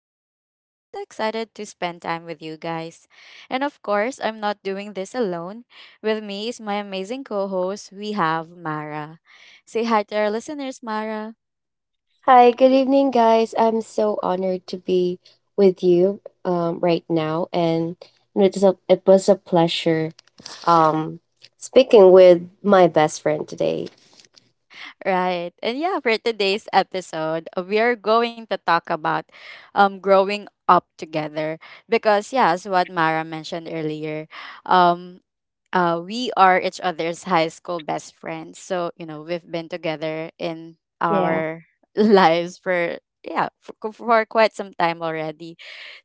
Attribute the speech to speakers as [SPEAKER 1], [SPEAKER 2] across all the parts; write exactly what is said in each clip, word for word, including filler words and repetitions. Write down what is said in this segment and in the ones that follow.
[SPEAKER 1] Rochelle, and I'm so excited to spend time with you guys. And of course, I'm not doing this alone. With me is my amazing co host, we have Mara. Say hi to our listeners, Mara.
[SPEAKER 2] Hi, good evening, guys. I'm so honored to be with you um, right now, and it was a, it was a pleasure um, speaking with my best friend today.
[SPEAKER 1] Right. And yeah, for today's episode, uh, we are going to talk about um growing up together, because yeah, as what Mara mentioned earlier. um. Uh, we are each other's high school best friends. So, you know, we've been together in
[SPEAKER 2] Yeah.
[SPEAKER 1] our lives for, yeah, for, for quite some time already.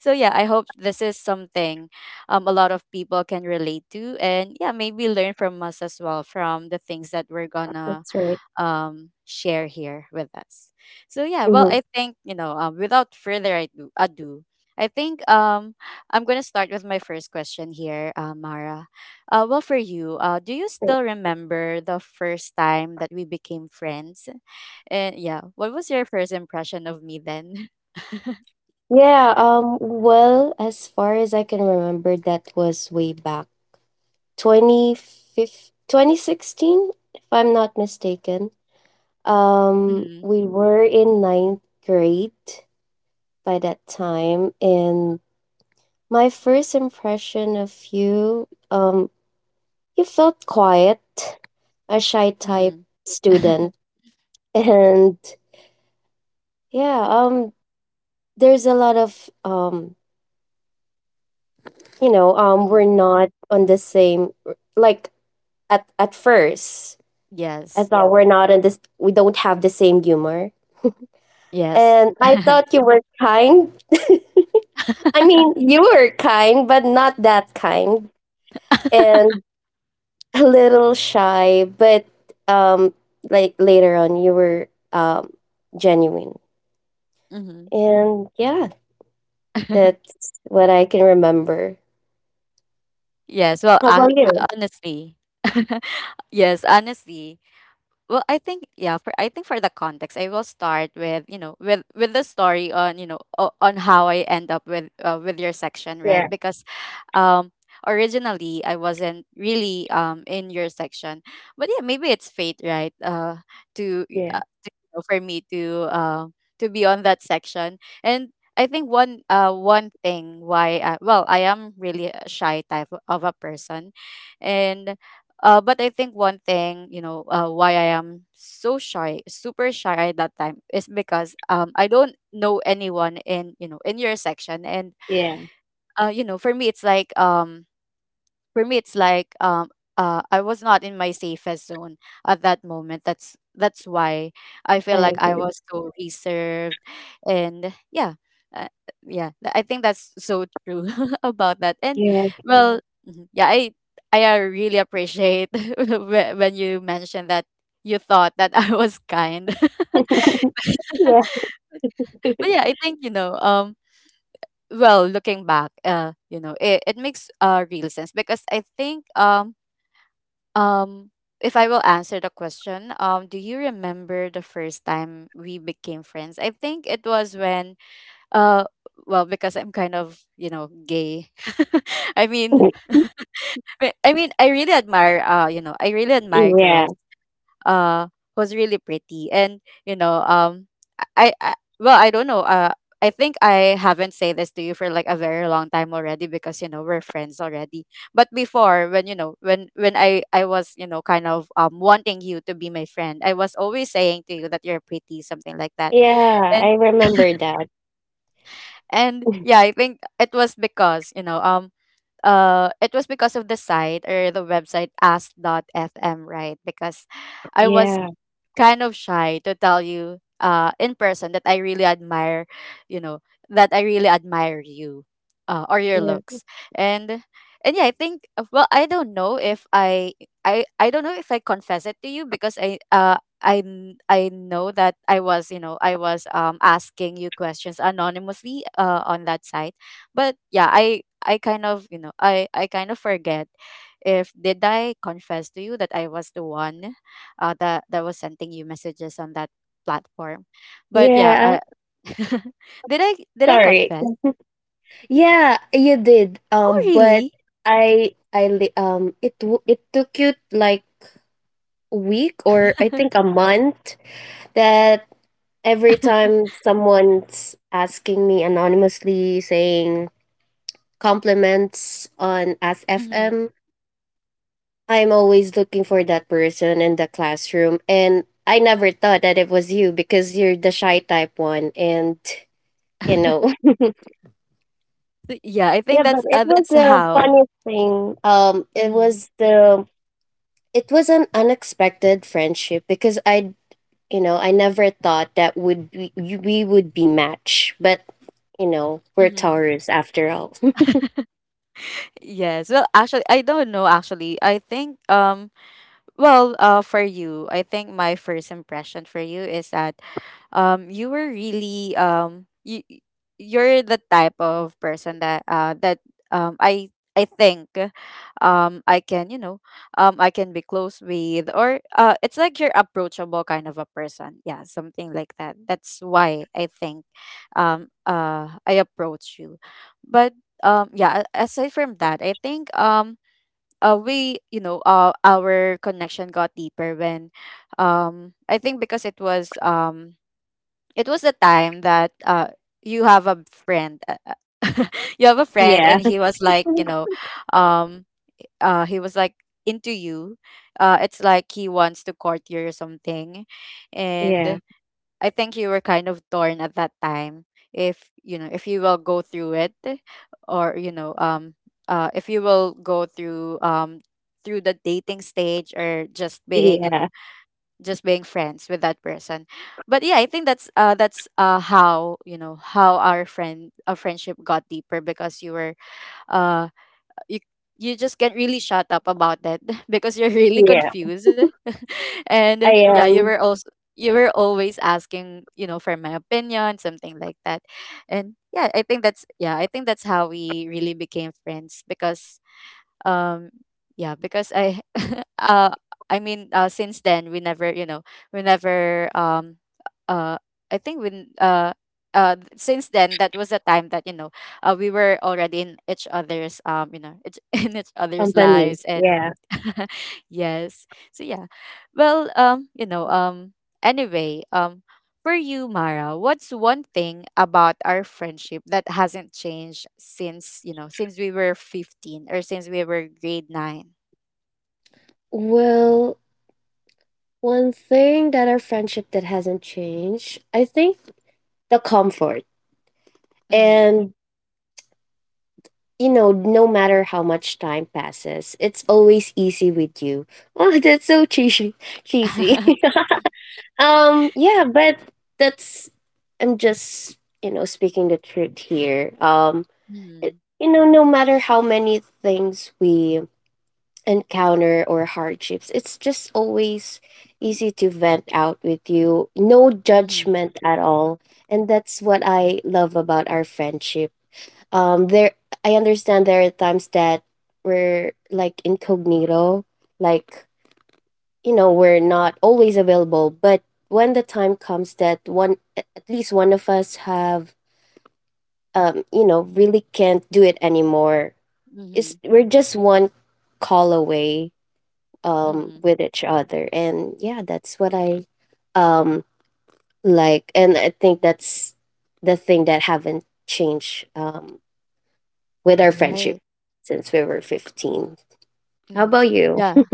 [SPEAKER 1] So yeah, I hope this is something, um, a lot of people can relate to. And yeah, maybe learn from us as well, from the things that we're gonna
[SPEAKER 2] That's right.
[SPEAKER 1] um, share here with us. So yeah, well,
[SPEAKER 2] Hmm.
[SPEAKER 1] I think, you know, um, without further ado, ado I think, um, I'm gonna start with my first question here, uh, Mara. Uh, well, for you, uh, do you still remember the first time that we became friends? And yeah, what was your first impression of me then?
[SPEAKER 2] Yeah, um, well, as far as I can remember, that was way back twenty fifteen, twenty sixteen, if I'm not mistaken. Um,
[SPEAKER 1] Mhm,
[SPEAKER 2] we were in ninth grade by that time, and my first impression of you, um, you felt quiet, a shy type
[SPEAKER 1] mhm, mhm.
[SPEAKER 2] student. And yeah, um, there's a lot of, um you know um we're not on the same, like, at at first I
[SPEAKER 1] Yes.
[SPEAKER 2] thought, yeah, we're not on this, we don't have the same humor.
[SPEAKER 1] Yes.
[SPEAKER 2] And I thought you were kind. I mean, you were kind but not that kind, and a little shy, but um like later on you were, um genuine.
[SPEAKER 1] Hmm.
[SPEAKER 2] And yeah, that's what I can remember.
[SPEAKER 1] Yes. Well,
[SPEAKER 2] How about
[SPEAKER 1] I,
[SPEAKER 2] you?
[SPEAKER 1] honestly, yes, honestly, well, I think, yeah. For I think for the context, I will start with, you know, with with the story on, you know, o- on how I end up with, uh, with your section,
[SPEAKER 2] Yeah,
[SPEAKER 1] right? Because um, originally I wasn't really um in your section. But yeah, maybe it's fate, right? Uh, to,
[SPEAKER 2] yeah,
[SPEAKER 1] uh, to, you know, for me to, uh, to be on that section. And I think one uh one thing why I, well, I am really a shy type of a person. And uh, but I think one thing, you know, uh, why I am so shy, super shy at that time, is because um, I don't know anyone in, you know, in your section. And
[SPEAKER 2] yeah.
[SPEAKER 1] uh, you know, for me, it's like um, for me it's like um uh I was not in my safest zone at that moment. That's that's why I
[SPEAKER 2] I
[SPEAKER 1] feel like I
[SPEAKER 2] agree.
[SPEAKER 1] was so reserved. And yeah. Uh, yeah, th- I think that's so true about that. And
[SPEAKER 2] Yeah,
[SPEAKER 1] well, mhm, yeah, I I uh, really appreciate whe- when you mentioned that you thought that I was kind.
[SPEAKER 2] yeah.
[SPEAKER 1] But yeah, I think, you know, um well, looking back, uh, you know, it, it makes uh real sense, because I think um Um, if I will answer the question, um, do you remember the first time we became friends? I think it was when, uh, well, because I'm kind of, you know, gay. I mean, I I mean, I really admire, uh, you know, I really admire
[SPEAKER 2] Yeah,
[SPEAKER 1] girls, uh was really pretty. And you know, um I, I well, I don't know, uh I think I haven't said this to you for like a very long time already, because, you know, we're friends already. But before, when, you know, when when I I was, you know, kind of um wanting you to be my friend, I was always saying to you that you're pretty, something like that.
[SPEAKER 2] yeah,
[SPEAKER 1] and
[SPEAKER 2] I remember that.
[SPEAKER 1] and yeah, I think it was because, you know, um uh it was because of the site or the website Ask F M, right? Because I was
[SPEAKER 2] Yeah,
[SPEAKER 1] kind of shy to tell you uh in person, that I really admire, you know, that I really admire you, uh, or your
[SPEAKER 2] yeah,
[SPEAKER 1] looks. And and yeah, I think, uh, well, I don't know if I I I don't know if I confess it to you. Because I, uh I kn- I know that I was, you know, I was um asking you questions anonymously uh on that site. But yeah, I I kind of, you know, I I kind of forget if did I confess to you that I was the one, uh, that that was sending you messages on that platform. But yeah,
[SPEAKER 2] yeah.
[SPEAKER 1] I did I did I
[SPEAKER 2] Sorry.
[SPEAKER 1] confess?
[SPEAKER 2] Yeah, you did.
[SPEAKER 1] Oh
[SPEAKER 2] Um, but
[SPEAKER 1] really?
[SPEAKER 2] I, I, li- um, it, w- it took you like a week, or I think a month, that every time someone's asking me anonymously saying compliments on
[SPEAKER 1] Hmm.
[SPEAKER 2] F M. I'm always looking for that person in the classroom. And I never thought that it was you, because you're the shy type one. And, you know,
[SPEAKER 1] Th- yeah, I think
[SPEAKER 2] yeah, but
[SPEAKER 1] that's,
[SPEAKER 2] it
[SPEAKER 1] uh,
[SPEAKER 2] was
[SPEAKER 1] that's
[SPEAKER 2] a
[SPEAKER 1] how.
[SPEAKER 2] funny thing. Um, it
[SPEAKER 1] Hmm.
[SPEAKER 2] was the, it was an unexpected friendship because I, you know, I never thought that would be, you- we would be matched. But, you know, we're
[SPEAKER 1] Hmm.
[SPEAKER 2] Taurus after all.
[SPEAKER 1] Yes. Well, actually, I don't know. Actually, I think, um. well, uh, for you, I think my first impression for you is that um you were really um you y- you're the type of person that uh that um I I think um I can, you know, um I can be close with. Or uh it's like you're approachable kind of a person, yeah, something like that. That's why I think um uh I approach you. But um yeah, a- aside from that, I think um uh, we, you know, uh, our connection got deeper when um I think because it was um it was the time that uh you have a friend, uh, uh, you have a friend and
[SPEAKER 2] Yeah.
[SPEAKER 1] he was like, you know, um uh he was like into you. Uh it's like he wants to court you or something.
[SPEAKER 2] Yeah.
[SPEAKER 1] And I think you were kind of torn at that time, if, you know, if you will go through it. Or, you know, um uh if you will go through um through the dating stage, or just being, you
[SPEAKER 2] Yeah.
[SPEAKER 1] know, just being friends with that person. But yeah, I think that's uh that's uh how, you know, how our friend our friendship got deeper. Because you were, uh you you just can't really shut up about that because you're really
[SPEAKER 2] Yeah.
[SPEAKER 1] confused. And
[SPEAKER 2] I
[SPEAKER 1] yeah, you
[SPEAKER 2] am.
[SPEAKER 1] were also, you were always asking, you know, for my opinion, something like that. And yeah, I think that's, yeah, I think that's how we really became friends. Because um yeah, because I uh i mean uh since then we never, you know, we never um uh I think when, uh uh th- since then, that was the time that, you know, uh, we were already in each other's um you know, each- in each other's
[SPEAKER 2] Company.
[SPEAKER 1] lives. And
[SPEAKER 2] Yeah.
[SPEAKER 1] yes. So yeah. Well, um, you know, um anyway, um for you, Mara, what's one thing about our friendship that hasn't changed since, you know, since we were fifteen or since we were grade nine?
[SPEAKER 2] Well, one thing that our friendship that hasn't changed, I think, the comfort.
[SPEAKER 1] Mhm.
[SPEAKER 2] And, you know, no matter how much time passes, it's always easy with you. Oh, that's so cheesy. Cheesy. Um, yeah, but that's I'm just, you know, speaking the truth here. Um, it,
[SPEAKER 1] Mhm.
[SPEAKER 2] you know, no matter how many things we encounter, or hardships, it's just always easy to vent out with you. No
[SPEAKER 1] Mhm.
[SPEAKER 2] judgment at all. And that's what I love about our friendship. Um there I understand there are times that we're like incognito, like, you know, we're not always available, but when the time comes that one at at least one of us have, um you know, really can't do it anymore. It's
[SPEAKER 1] Mhm.
[SPEAKER 2] We're just one call away um
[SPEAKER 1] Mhm.
[SPEAKER 2] with each other, and yeah, that's what I um like. And I think that's the thing that haven't changed um with our friendship,
[SPEAKER 1] Right.
[SPEAKER 2] since we were fifteen. How
[SPEAKER 1] Mhm.
[SPEAKER 2] about you?
[SPEAKER 1] Yeah.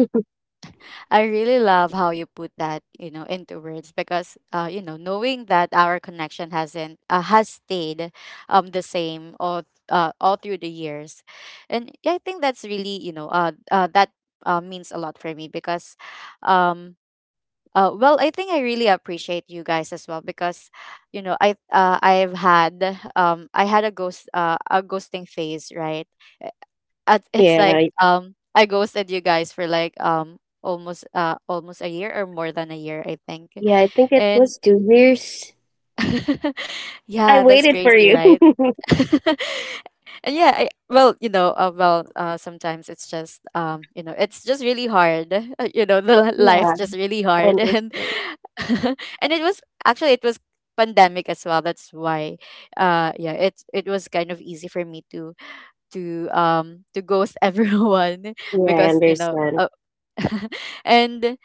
[SPEAKER 1] I really love how you put that, you know, into words. Because uh, you know, knowing that our connection hasn't uh, has stayed um the same all uh, all through the years. And yeah, I think that's really, you know, uh, uh that uh, means a lot for me, because um. Uh, well, I think I really appreciate you guys as well. Because, you know, I uh, I've had um I had a ghost, uh, a ghosting phase, right? At it's
[SPEAKER 2] Yeah.
[SPEAKER 1] like
[SPEAKER 2] I-
[SPEAKER 1] um I ghosted you guys for like um almost uh almost a year or more than a year, I think.
[SPEAKER 2] yeah, I think it
[SPEAKER 1] And
[SPEAKER 2] was two years. I
[SPEAKER 1] yeah, that's
[SPEAKER 2] waited for
[SPEAKER 1] crazy,
[SPEAKER 2] you.
[SPEAKER 1] right? And yeah, I, well, you know, uh, well, uh, sometimes it's just, um, you know, it's just really hard. uh, You know, the li- life's
[SPEAKER 2] Yeah,
[SPEAKER 1] just really
[SPEAKER 2] I
[SPEAKER 1] hard. And
[SPEAKER 2] understand.
[SPEAKER 1] and it was, actually, it was pandemic as well. That's why, uh yeah, it it was kind of easy for me to, to um to ghost everyone.
[SPEAKER 2] Yeah, I
[SPEAKER 1] Because, you know,
[SPEAKER 2] understand.
[SPEAKER 1] uh, and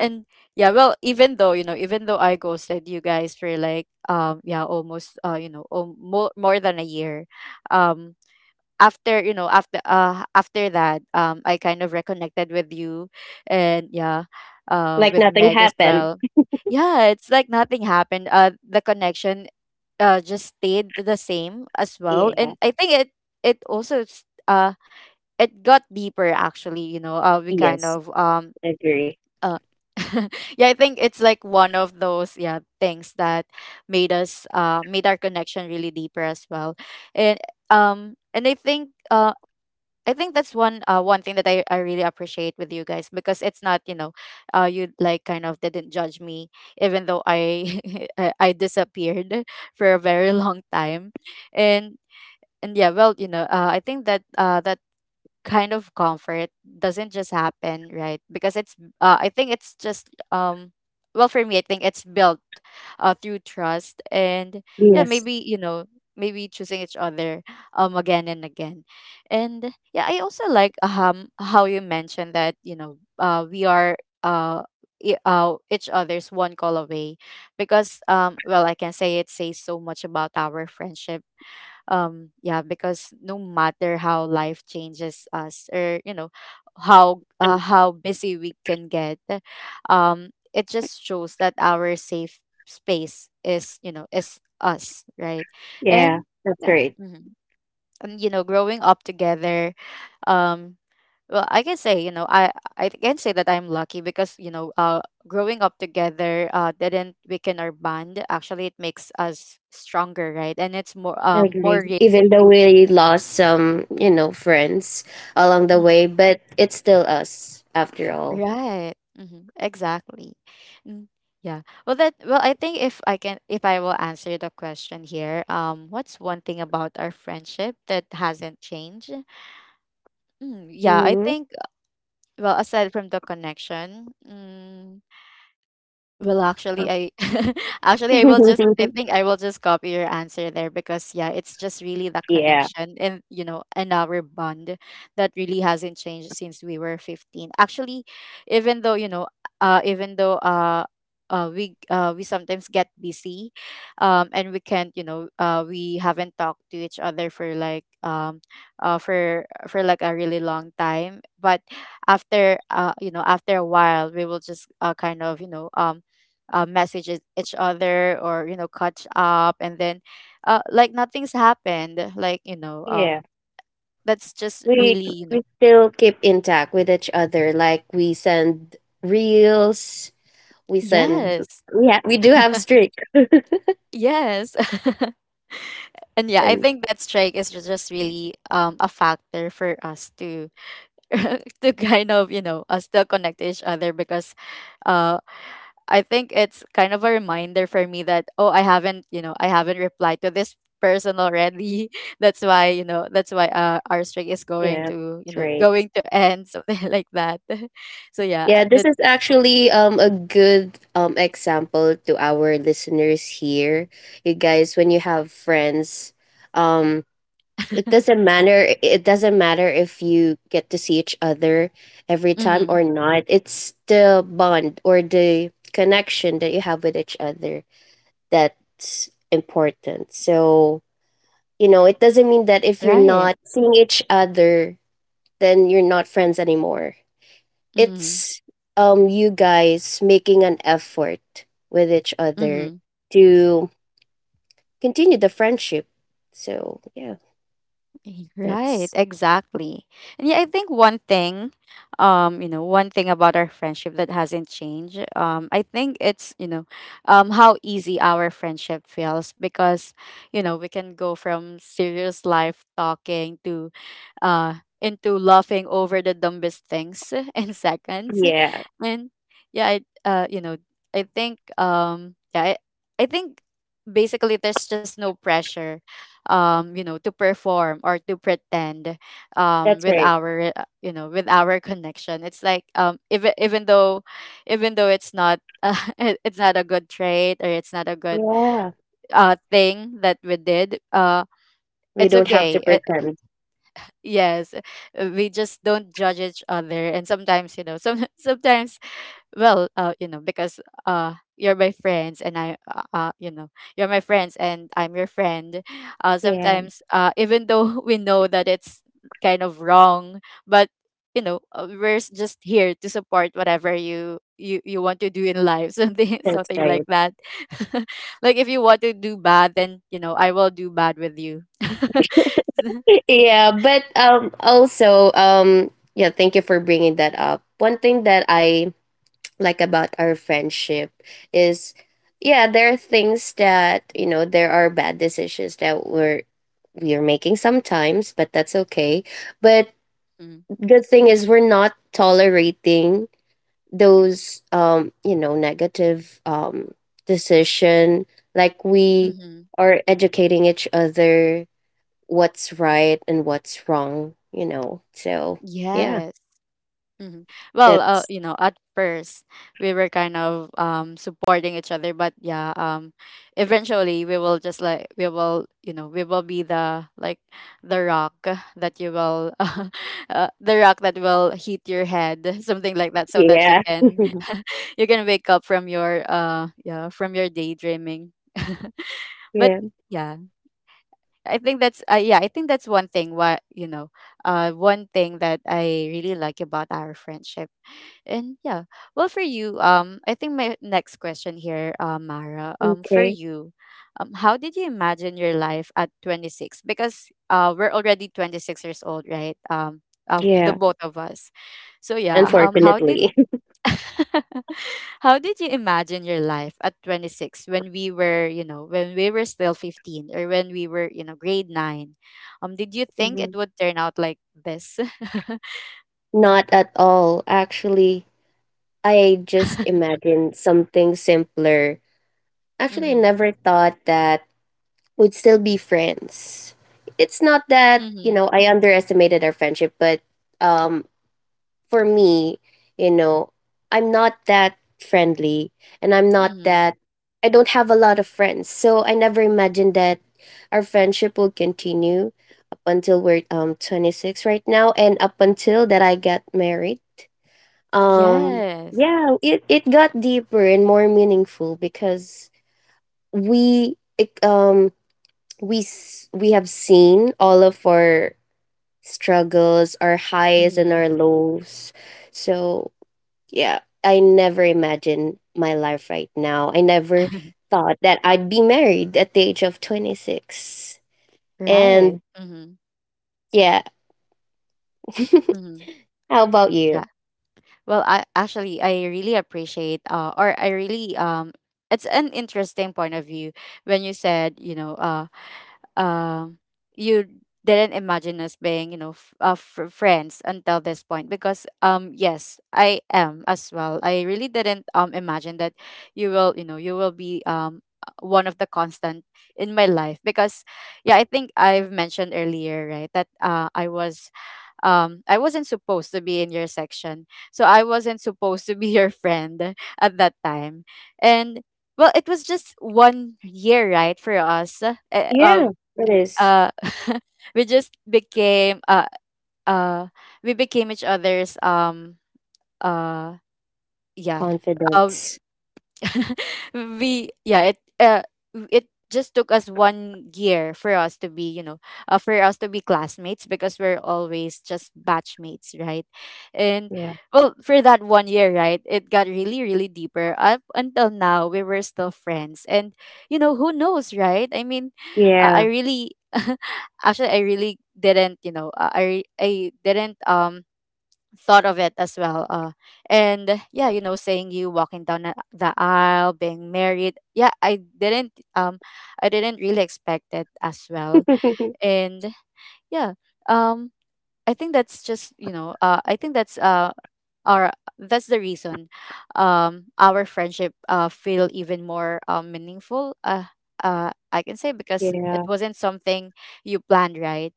[SPEAKER 1] and yeah, well, even though, you know even though I ghosted you guys for like um yeah, almost uh you know, um, more, more than a year um after, you know, after uh after that um I kind of reconnected with you. And yeah, uh
[SPEAKER 2] Like
[SPEAKER 1] with
[SPEAKER 2] nothing
[SPEAKER 1] Meg as
[SPEAKER 2] happened.
[SPEAKER 1] well. Yeah, it's like nothing happened, uh the connection uh just stayed the same as well.
[SPEAKER 2] Yeah.
[SPEAKER 1] And I think it it also, s- uh it got deeper, actually. You know, uh, we kind
[SPEAKER 2] Yes,
[SPEAKER 1] of um
[SPEAKER 2] I agree.
[SPEAKER 1] uh, yeah, I think it's like one of those, yeah, things that made us uh made our connection really deeper as well. And um and I think uh I think that's one, uh, one thing that I, I really appreciate with you guys. Because it's not, you know, uh, you like kind of didn't judge me, even though I I I disappeared for a very long time. and and yeah, well, you know, uh, I think that uh, that kind of comfort doesn't just happen, right? Because it's uh, I think it's just um well, for me, I think it's built uh, through trust. And yeah,
[SPEAKER 2] Yes.
[SPEAKER 1] maybe, you know, maybe choosing each other um again and again. And yeah, I also like um how you mentioned that, you know, uh we are, uh i- uh, each other's one call away. Because um well, I can say it says so much about our friendship, um yeah, because no matter how life changes us, or, you know, how uh, how busy we can get, um it just shows that our safe space is, you know, is us, right?
[SPEAKER 2] Yeah,
[SPEAKER 1] And
[SPEAKER 2] that's
[SPEAKER 1] yeah,
[SPEAKER 2] right.
[SPEAKER 1] mhm. And you know growing up together. um well, I can say, you know i i can say that I'm lucky because, you know uh growing up together uh didn't weaken our bond. Actually, it makes us stronger, right? And it's more
[SPEAKER 2] I
[SPEAKER 1] um more
[SPEAKER 2] agree.
[SPEAKER 1] real.
[SPEAKER 2] Even though we lost some, you know, friends along the
[SPEAKER 1] Mhm.
[SPEAKER 2] way, but it's still us after all.
[SPEAKER 1] Right. hmm Exactly. Mm, yeah. Well, that. Well, I think, if I can, if I will answer the question here, um, what's one thing about our friendship that hasn't changed? Mm, yeah, I
[SPEAKER 2] Hmm.
[SPEAKER 1] think. Well, aside from the connection. mm, Well, actually, I actually I will just I think I will just copy your answer there because, yeah, it's just really the
[SPEAKER 2] Yeah.
[SPEAKER 1] connection, and you know and our bond that really hasn't changed since we were fifteen. Actually, even though, you know, uh, even though uh, uh, we uh, we sometimes get busy, um, and we can't you know uh, we haven't talked to each other for like, um, uh, for for like a really long time. But after, uh you know after a while, we will just, uh, kind of, you know um uh, message each each other, or, you know, catch up, and then, uh, like nothing's happened, like, you know um
[SPEAKER 2] Yeah.
[SPEAKER 1] that's just
[SPEAKER 2] We
[SPEAKER 1] really, you know.
[SPEAKER 2] we still keep intact with each other. Like we send reels, we send
[SPEAKER 1] Yes.
[SPEAKER 2] yeah, we do have streak.
[SPEAKER 1] Yes. And yeah, I
[SPEAKER 2] And
[SPEAKER 1] think that strike is ju- just really um a factor for us to to kind of, you know uh, still connect to each other, because uh I think it's kind of a reminder for me that, oh, I haven't, you know I haven't replied to this person already. That's why, you know that's why, uh, our streak is
[SPEAKER 2] yeah,
[SPEAKER 1] going to, you
[SPEAKER 2] that's
[SPEAKER 1] know
[SPEAKER 2] right.
[SPEAKER 1] going to end. Something like that. So yeah,
[SPEAKER 2] Yeah, this
[SPEAKER 1] that.
[SPEAKER 2] is actually um a good um example to our listeners here. You guys, when you have friends, um it doesn't matter it doesn't matter if you get to see each other every time
[SPEAKER 1] Mm-hmm.
[SPEAKER 2] or not. It's the bond or the connection that you have with each other that's important. So, you know, it doesn't mean that if you're
[SPEAKER 1] Right.
[SPEAKER 2] not seeing each other, then you're not friends anymore.
[SPEAKER 1] Mm-hmm.
[SPEAKER 2] It's um you guys making an effort with each other
[SPEAKER 1] Mm-hmm.
[SPEAKER 2] to continue the friendship. So yeah,
[SPEAKER 1] Y- Right,
[SPEAKER 2] that's
[SPEAKER 1] exactly. And yeah, I think one thing, um, you know, one thing about our friendship that hasn't changed. um, I think it's, you know, um, how easy our friendship feels because, you know, we can go from serious life talking to uh, into laughing over the dumbest things in seconds.
[SPEAKER 2] yeah,
[SPEAKER 1] And yeah, I, uh, you know, I think, um, yeah, I, I think basically there's just no pressure, um, you know, to perform or to pretend, um,
[SPEAKER 2] that's
[SPEAKER 1] with
[SPEAKER 2] right.
[SPEAKER 1] our, uh, you know, with our connection. It's like, um, even even though even though it's not. Uh, it- it's not a good trait, or it's not a good
[SPEAKER 2] Yeah,
[SPEAKER 1] uh thing that we did, uh
[SPEAKER 2] we
[SPEAKER 1] it's
[SPEAKER 2] don't have to
[SPEAKER 1] okay.
[SPEAKER 2] pretend.
[SPEAKER 1] Yes, uh, we just don't judge each other, and sometimes, you know, some sometimes, well, uh, you know, because, uh, you're my friends, and I, uh, uh, you know, you're my friends, and I'm your friend. Uh,
[SPEAKER 2] Yeah,
[SPEAKER 1] sometimes, uh, even though we know that it's kind of wrong, but, you know, uh, we're s- just here to support whatever you you you want to do in life, something
[SPEAKER 2] that's
[SPEAKER 1] something like
[SPEAKER 2] right.
[SPEAKER 1] that. Like, if you want to do bad, then, you know, I will do bad with you.
[SPEAKER 2] Yeah, but um also, um yeah, thank you for bringing that up. One thing that I like about our friendship is, yeah, there are things that, you know there are bad decisions that we're we're making sometimes, but that's okay. But good thing is we're not tolerating those, um you know negative, um decision, like we
[SPEAKER 1] Mm-hmm.
[SPEAKER 2] are educating each other what's right and what's wrong, you know? So yeah,
[SPEAKER 1] Yes. hmm Well, uh,
[SPEAKER 2] that's
[SPEAKER 1] you know, at first we were kind of um supporting each other, but yeah, um, eventually we will just like, we will, you know, we will be, the like, the rock that you will, uh, the rock that will hit your head, something like that, so that you
[SPEAKER 2] yeah.
[SPEAKER 1] can you can wake up from your, uh yeah from your daydreaming. But
[SPEAKER 2] Yeah.
[SPEAKER 1] yeah, I think that's, uh, yeah, I think that's, one thing what you know, uh one thing that I really like about our friendship. And yeah. Well, for you, um I think my next question here, uh, Mara, um for
[SPEAKER 2] Okay.
[SPEAKER 1] you, um how did you imagine your life at twenty-six? Because, uh we're already twenty-six years old, right? Um of the
[SPEAKER 2] Yeah,
[SPEAKER 1] both of us. So yeah, um how did
[SPEAKER 2] unfortunately.
[SPEAKER 1] How did you imagine your life at twenty-six when we were, you know, when we were still fifteen, or when we were, you know, grade nine? Um did you think it
[SPEAKER 2] Mhm.
[SPEAKER 1] would turn out like this?
[SPEAKER 2] Not at all. Actually, I just imagined something simpler. Actually, I
[SPEAKER 1] Mhm.
[SPEAKER 2] never thought that we'd still be friends. It's not that, you
[SPEAKER 1] Mhm.
[SPEAKER 2] know, I underestimated our friendship, but um for me, you know, I'm not that friendly, and I'm not
[SPEAKER 1] Mhm.
[SPEAKER 2] that I don't have a lot of friends. So I never imagined that our friendship will continue up until we're um twenty-six right now, and up until that I got married. Um
[SPEAKER 1] Yes.
[SPEAKER 2] yeah, it it got deeper and more meaningful because we it, um we s- we have seen all of our struggles, our highs and
[SPEAKER 1] Mhm.
[SPEAKER 2] our lows. So yeah, I never imagined my life right now. I never thought that I'd be married at the age of twenty-six.
[SPEAKER 1] Right.
[SPEAKER 2] And
[SPEAKER 1] Mm-hmm.
[SPEAKER 2] yeah,
[SPEAKER 1] Mm-hmm.
[SPEAKER 2] how about you?
[SPEAKER 1] Yeah. Well, I actually I really appreciate, uh or I really um it's an interesting point of view when you said, you know, uh um you didn't imagine us being, you know f- uh, fr- friends until this point, because, um yes, I am as well. I really didn't, um imagine that you will you know you will be, um uh, one of the constant in my life, because, yeah, I think I've mentioned earlier, right, that, uh i was um I wasn't supposed to be in your section, so I wasn't supposed to be your friend at that time. And, well, it was just one year, right, for us, uh, uh,
[SPEAKER 2] Yeah, it is.
[SPEAKER 1] uh we just became uh uh we became each other's, um uh yeah uh
[SPEAKER 2] Confidence.
[SPEAKER 1] we yeah it uh, it just took us one year for us to be, you know uh, for us to be classmates, because we're always just batchmates, right. And,
[SPEAKER 2] Yeah.
[SPEAKER 1] well, for that one year, right, it got really, really deeper. Up until now, we were still friends, and, you know, who knows, right? I mean, uh, I
[SPEAKER 2] Yeah.
[SPEAKER 1] really actually, I really didn't, you know uh, i i didn't, um thought of it as well. Uh, and yeah, you know, saying you walking down a- the aisle, being married. Yeah, I didn't, um, I didn't really expect it as well. And yeah, um, I think that's just, you know, uh, I think that's uh or that's the reason um our friendship uh feel even more, uh, meaningful, uh uh I can say, because it
[SPEAKER 2] Yeah.
[SPEAKER 1] wasn't something you planned, right,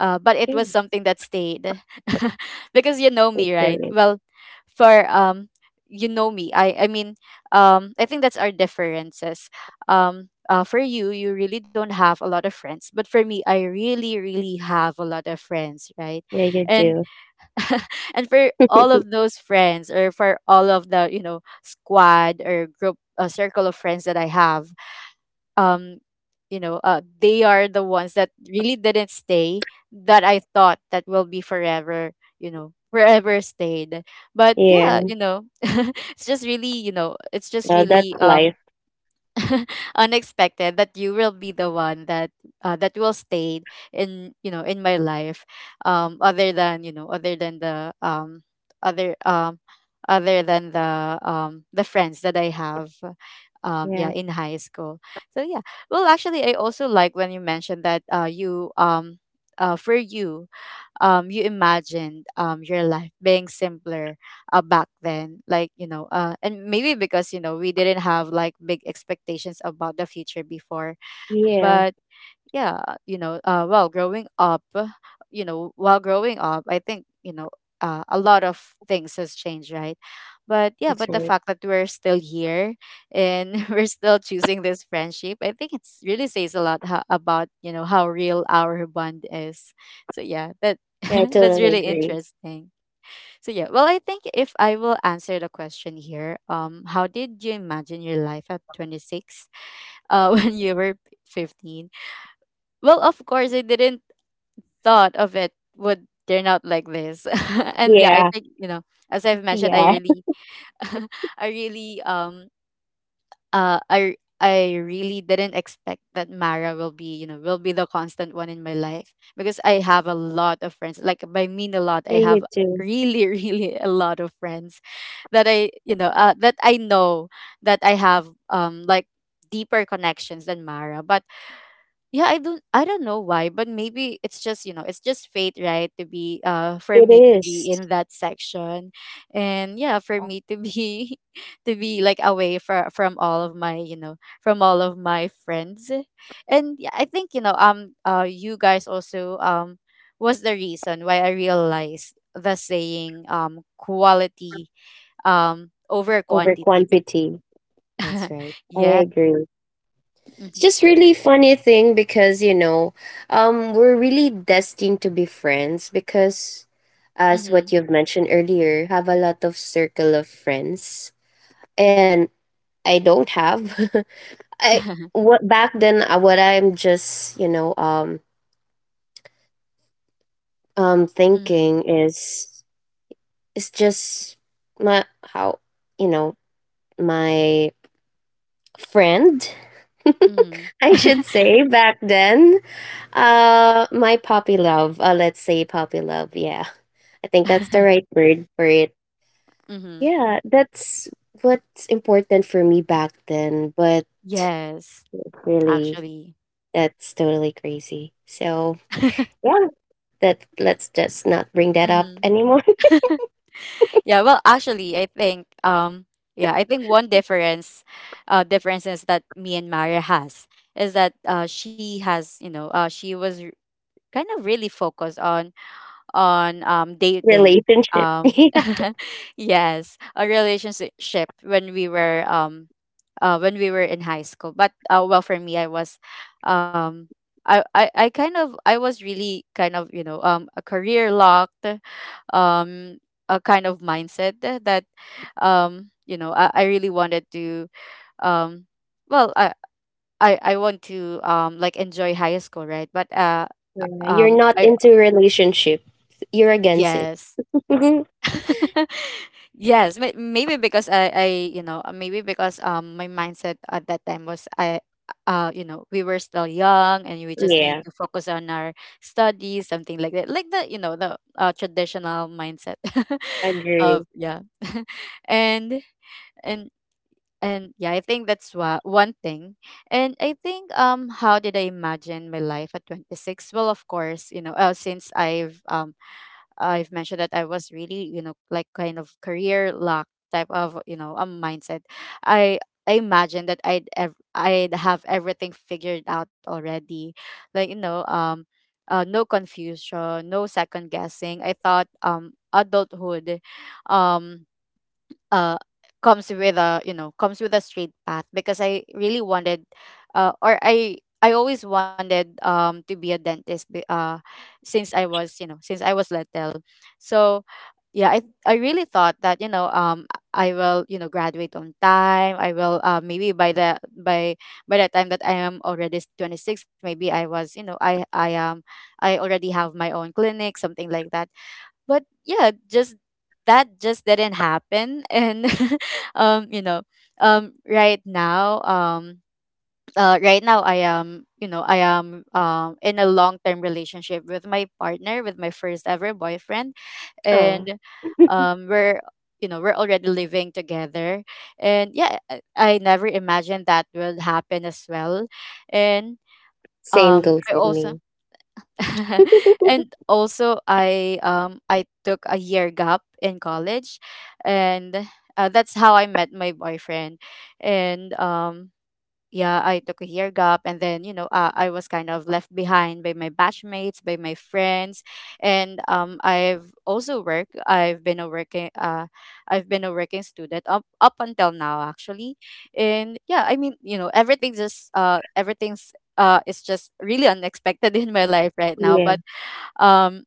[SPEAKER 1] uh but it
[SPEAKER 2] Yeah,
[SPEAKER 1] was something that stayed because you know
[SPEAKER 2] it's
[SPEAKER 1] me, right?
[SPEAKER 2] right.
[SPEAKER 1] Well, for um you know me, i i mean, um I think that's our differences. Um uh, for you you really don't have a lot of friends, but for me, I really, really have a lot of friends, right?
[SPEAKER 2] Yeah, you
[SPEAKER 1] and
[SPEAKER 2] do.
[SPEAKER 1] and for all of those friends, or for all of the, you know, squad, or group, uh, circle of friends that I have, um you know, uh, they are the ones that really didn't stay, that I thought that will be forever, you know, forever stayed. But yeah,
[SPEAKER 2] Yeah.
[SPEAKER 1] you know, it's just really, you know it's just
[SPEAKER 2] Well, that's
[SPEAKER 1] really um
[SPEAKER 2] life.
[SPEAKER 1] unexpected that you will be the one that, uh, that will stay in, you know in my life, um other than you know other than the um other um other than the, um the friends that I have um
[SPEAKER 2] Yeah.
[SPEAKER 1] yeah, in high school. So yeah, well, actually, I also like when you mentioned that, uh you, um uh for you um you imagined, um your life being simpler, uh, back then, like, you know, uh and maybe because, you know, we didn't have like big expectations about the future before.
[SPEAKER 2] Yeah,
[SPEAKER 1] But yeah, you know, uh, well, growing up, uh, you know, while growing up, I think, you know, uh, a lot of things has changed, right? But yeah,
[SPEAKER 2] that's
[SPEAKER 1] but the
[SPEAKER 2] right.
[SPEAKER 1] fact that we're still here and we're still choosing this friendship, I think it's really says a lot ho- about, you know, how real our bond is. So yeah, that
[SPEAKER 2] Yeah, I
[SPEAKER 1] that's
[SPEAKER 2] totally
[SPEAKER 1] really
[SPEAKER 2] agree.
[SPEAKER 1] interesting. So yeah, well, I think if I will answer the question here, um, how did you imagine your life at twenty-six? Uh, when you were fifteen, well, of course, I didn't thought of it would turn out like this. And yeah, I
[SPEAKER 2] Yeah.
[SPEAKER 1] think, you know, as I've mentioned, I
[SPEAKER 2] Yeah.
[SPEAKER 1] really, I really, um, uh, I I really didn't expect that Mara will be, you know, will be the constant one in my life, because I have a lot of friends. Like, by mean a lot,
[SPEAKER 2] Yeah,
[SPEAKER 1] I
[SPEAKER 2] you
[SPEAKER 1] have
[SPEAKER 2] do.
[SPEAKER 1] really, really a lot of friends that I, you know, uh, that I know that I have, um, like, deeper connections than Mara. But yeah, I don't I don't know why, but maybe it's just, you know, it's just fate, right? To be uh for
[SPEAKER 2] It
[SPEAKER 1] me to
[SPEAKER 2] is.
[SPEAKER 1] be in that section. And yeah, for me to be to be like, away, for, from all of my, you know, from all of my friends. And yeah, I think, you know, um uh you guys also, um was the reason why I realized the saying, um quality um over
[SPEAKER 2] Over
[SPEAKER 1] quantity. Bec-
[SPEAKER 2] quantity. That's right. I
[SPEAKER 1] yeah.
[SPEAKER 2] agree. It's
[SPEAKER 1] Mm-hmm.
[SPEAKER 2] just really funny thing because, you know, um, we're really destined to be friends because, as
[SPEAKER 1] Mm-hmm.
[SPEAKER 2] what you've mentioned earlier, have a lot of circle of friends, and I don't have. I. What back then, uh, what I'm just, you know um um
[SPEAKER 1] Mm-hmm.
[SPEAKER 2] thinking is is just my, how, you know my friend.
[SPEAKER 1] Mm-hmm.
[SPEAKER 2] I should say, back then, uh my puppy love, uh let's say puppy love. Yeah, I think that's the right word for it.
[SPEAKER 1] Mhm.
[SPEAKER 2] Yeah, that's what's important for me back then. But
[SPEAKER 1] Yes,
[SPEAKER 2] really,
[SPEAKER 1] actually.
[SPEAKER 2] that's totally crazy. So yeah, that let's just not bring that up
[SPEAKER 1] Mhm.
[SPEAKER 2] anymore.
[SPEAKER 1] Yeah, well, actually, I think, um yeah, I think one difference uh differences that me and Mara has, is that, uh she has, you know, uh she was r- kind of really focused on, on um dating,
[SPEAKER 2] Relationship.
[SPEAKER 1] um
[SPEAKER 2] Yeah.
[SPEAKER 1] yes, a relationship when we were, um uh, when we were in high school. But uh, well, for me, I was, um, I, I I kind of I was really kind of you know um a career locked, um a kind of mindset tha- that, um you know I, I really wanted to um well, I, I I want to um like enjoy high school, right? but uh
[SPEAKER 2] Yeah, you're
[SPEAKER 1] um
[SPEAKER 2] not
[SPEAKER 1] I
[SPEAKER 2] into relationship. You're against it.
[SPEAKER 1] Yes. yes, may- maybe because I, I, you know, uh, maybe because um my mindset at that time was, I, uh, you know, we were still young and we just need
[SPEAKER 2] Yeah,
[SPEAKER 1] to focus on our studies, something like that, like the, you know, the uh, traditional mindset
[SPEAKER 2] agree.
[SPEAKER 1] of. Yeah, and and and yeah, I think that's wha- one thing. And I think um, how did I imagine my life at twenty six? Well, of course, you know, uh, since I've um I've mentioned that I was really, you know, like kind of career lack type of, you know, a mindset. I I imagined that I'd ev- I'd have everything figured out already. Like, you know, um uh, no confusion, no second guessing. I thought um adulthood um uh comes with a, you know comes with a straight path, because I really wanted uh or I I always wanted um to be a dentist be- uh since I was, you know since i was little. So yeah, i i really thought that, you know um I will, you know graduate on time. I will uh maybe by the, by by the time that I am already twenty-six, maybe I was, you know i i um I already have my own clinic, something like that. But yeah, just that just didn't happen. and um you know um right now um uh right now I am, you know i am um in a long term relationship with my partner, with my first ever boyfriend.
[SPEAKER 2] Oh,
[SPEAKER 1] And um we're, you know we're already living together. And yeah, i I never imagined that would happen as well. And
[SPEAKER 2] same
[SPEAKER 1] um
[SPEAKER 2] goes
[SPEAKER 1] I
[SPEAKER 2] with
[SPEAKER 1] also
[SPEAKER 2] me.
[SPEAKER 1] and also I, um I took a year gap in college. And uh, that's how I met my boyfriend. And um yeah, I took a year gap, and then, you know, uh, I was kind of left behind by my batchmates, by my friends, and um, I've also worked. I've been a working, uh, I've been a working student up up until now, actually, and yeah, I mean, you know, everything just uh, everything's, uh, is just really unexpected in my life right now.
[SPEAKER 2] Yeah,
[SPEAKER 1] But um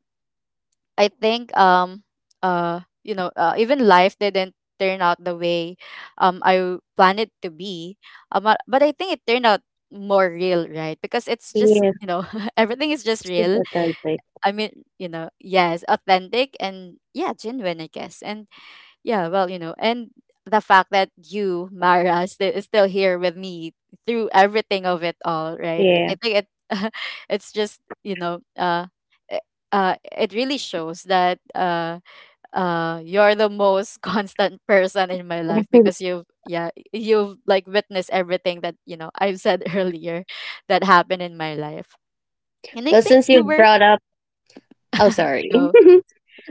[SPEAKER 1] I think, um uh you know uh, even life didn't turn out the way um I w- planned it to be. Um, but, but I think it turned out more real, right? Because it's just,
[SPEAKER 2] yeah.
[SPEAKER 1] you know everything is just
[SPEAKER 2] It's just
[SPEAKER 1] real.
[SPEAKER 2] authentic.
[SPEAKER 1] I mean, you know yes, authentic, and yeah, genuine, I guess. And yeah, well, you know, and the fact that you, Mara, sti- is still here with me through everything of it all, right?
[SPEAKER 2] Yeah.
[SPEAKER 1] I think it it's just, you know, uh i- uh it really shows that uh uh you're the most constant person in my life, because you've yeah, you've like witnessed everything that, you know, I've said earlier, that happened in my life. And I
[SPEAKER 2] Well,
[SPEAKER 1] think
[SPEAKER 2] since you
[SPEAKER 1] you were.
[SPEAKER 2] brought up, oh, sorry.
[SPEAKER 1] go.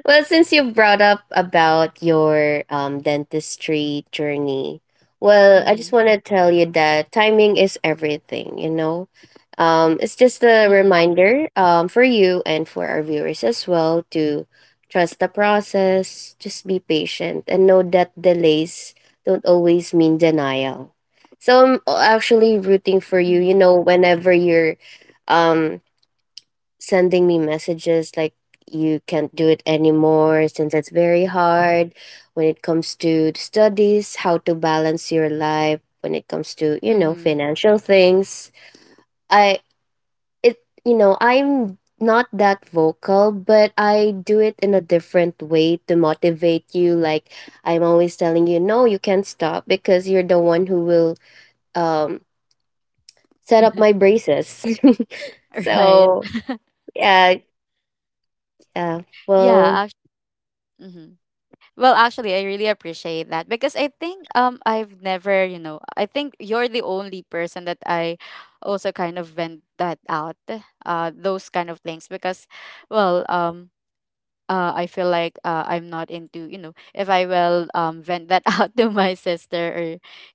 [SPEAKER 2] Well, since you've brought up about your, um, dentistry journey, well, I just
[SPEAKER 1] Mhm.
[SPEAKER 2] want to tell you that timing is everything, you know? Um, it's just a
[SPEAKER 1] Mhm.
[SPEAKER 2] reminder, um, for you and for our viewers as well, to trust the process, just be patient, and know that delays don't always mean denial. So I'm actually rooting for you, you
[SPEAKER 1] Mhm.
[SPEAKER 2] know, whenever you're um sending me messages like you can't do it anymore, since it's very hard when it comes to studies, how to balance your life when it comes to, you know
[SPEAKER 1] Mhm.
[SPEAKER 2] financial things. I it you know I'm not that vocal, but I do it in a different way to motivate you, like I'm always telling you, no, you can't stop because you're the one who will um set up my braces.
[SPEAKER 1] right.
[SPEAKER 2] So yeah. Yeah, well,
[SPEAKER 1] Yeah. Mm-hmm. Well, actually, I really appreciate that, because I think um I've never, you know, I think you're the only person that I also kind of vent that out, uh, those kind of things, because, well, um uh, I feel like, uh, I'm not into, you know, if I will um vent that out to my sister, or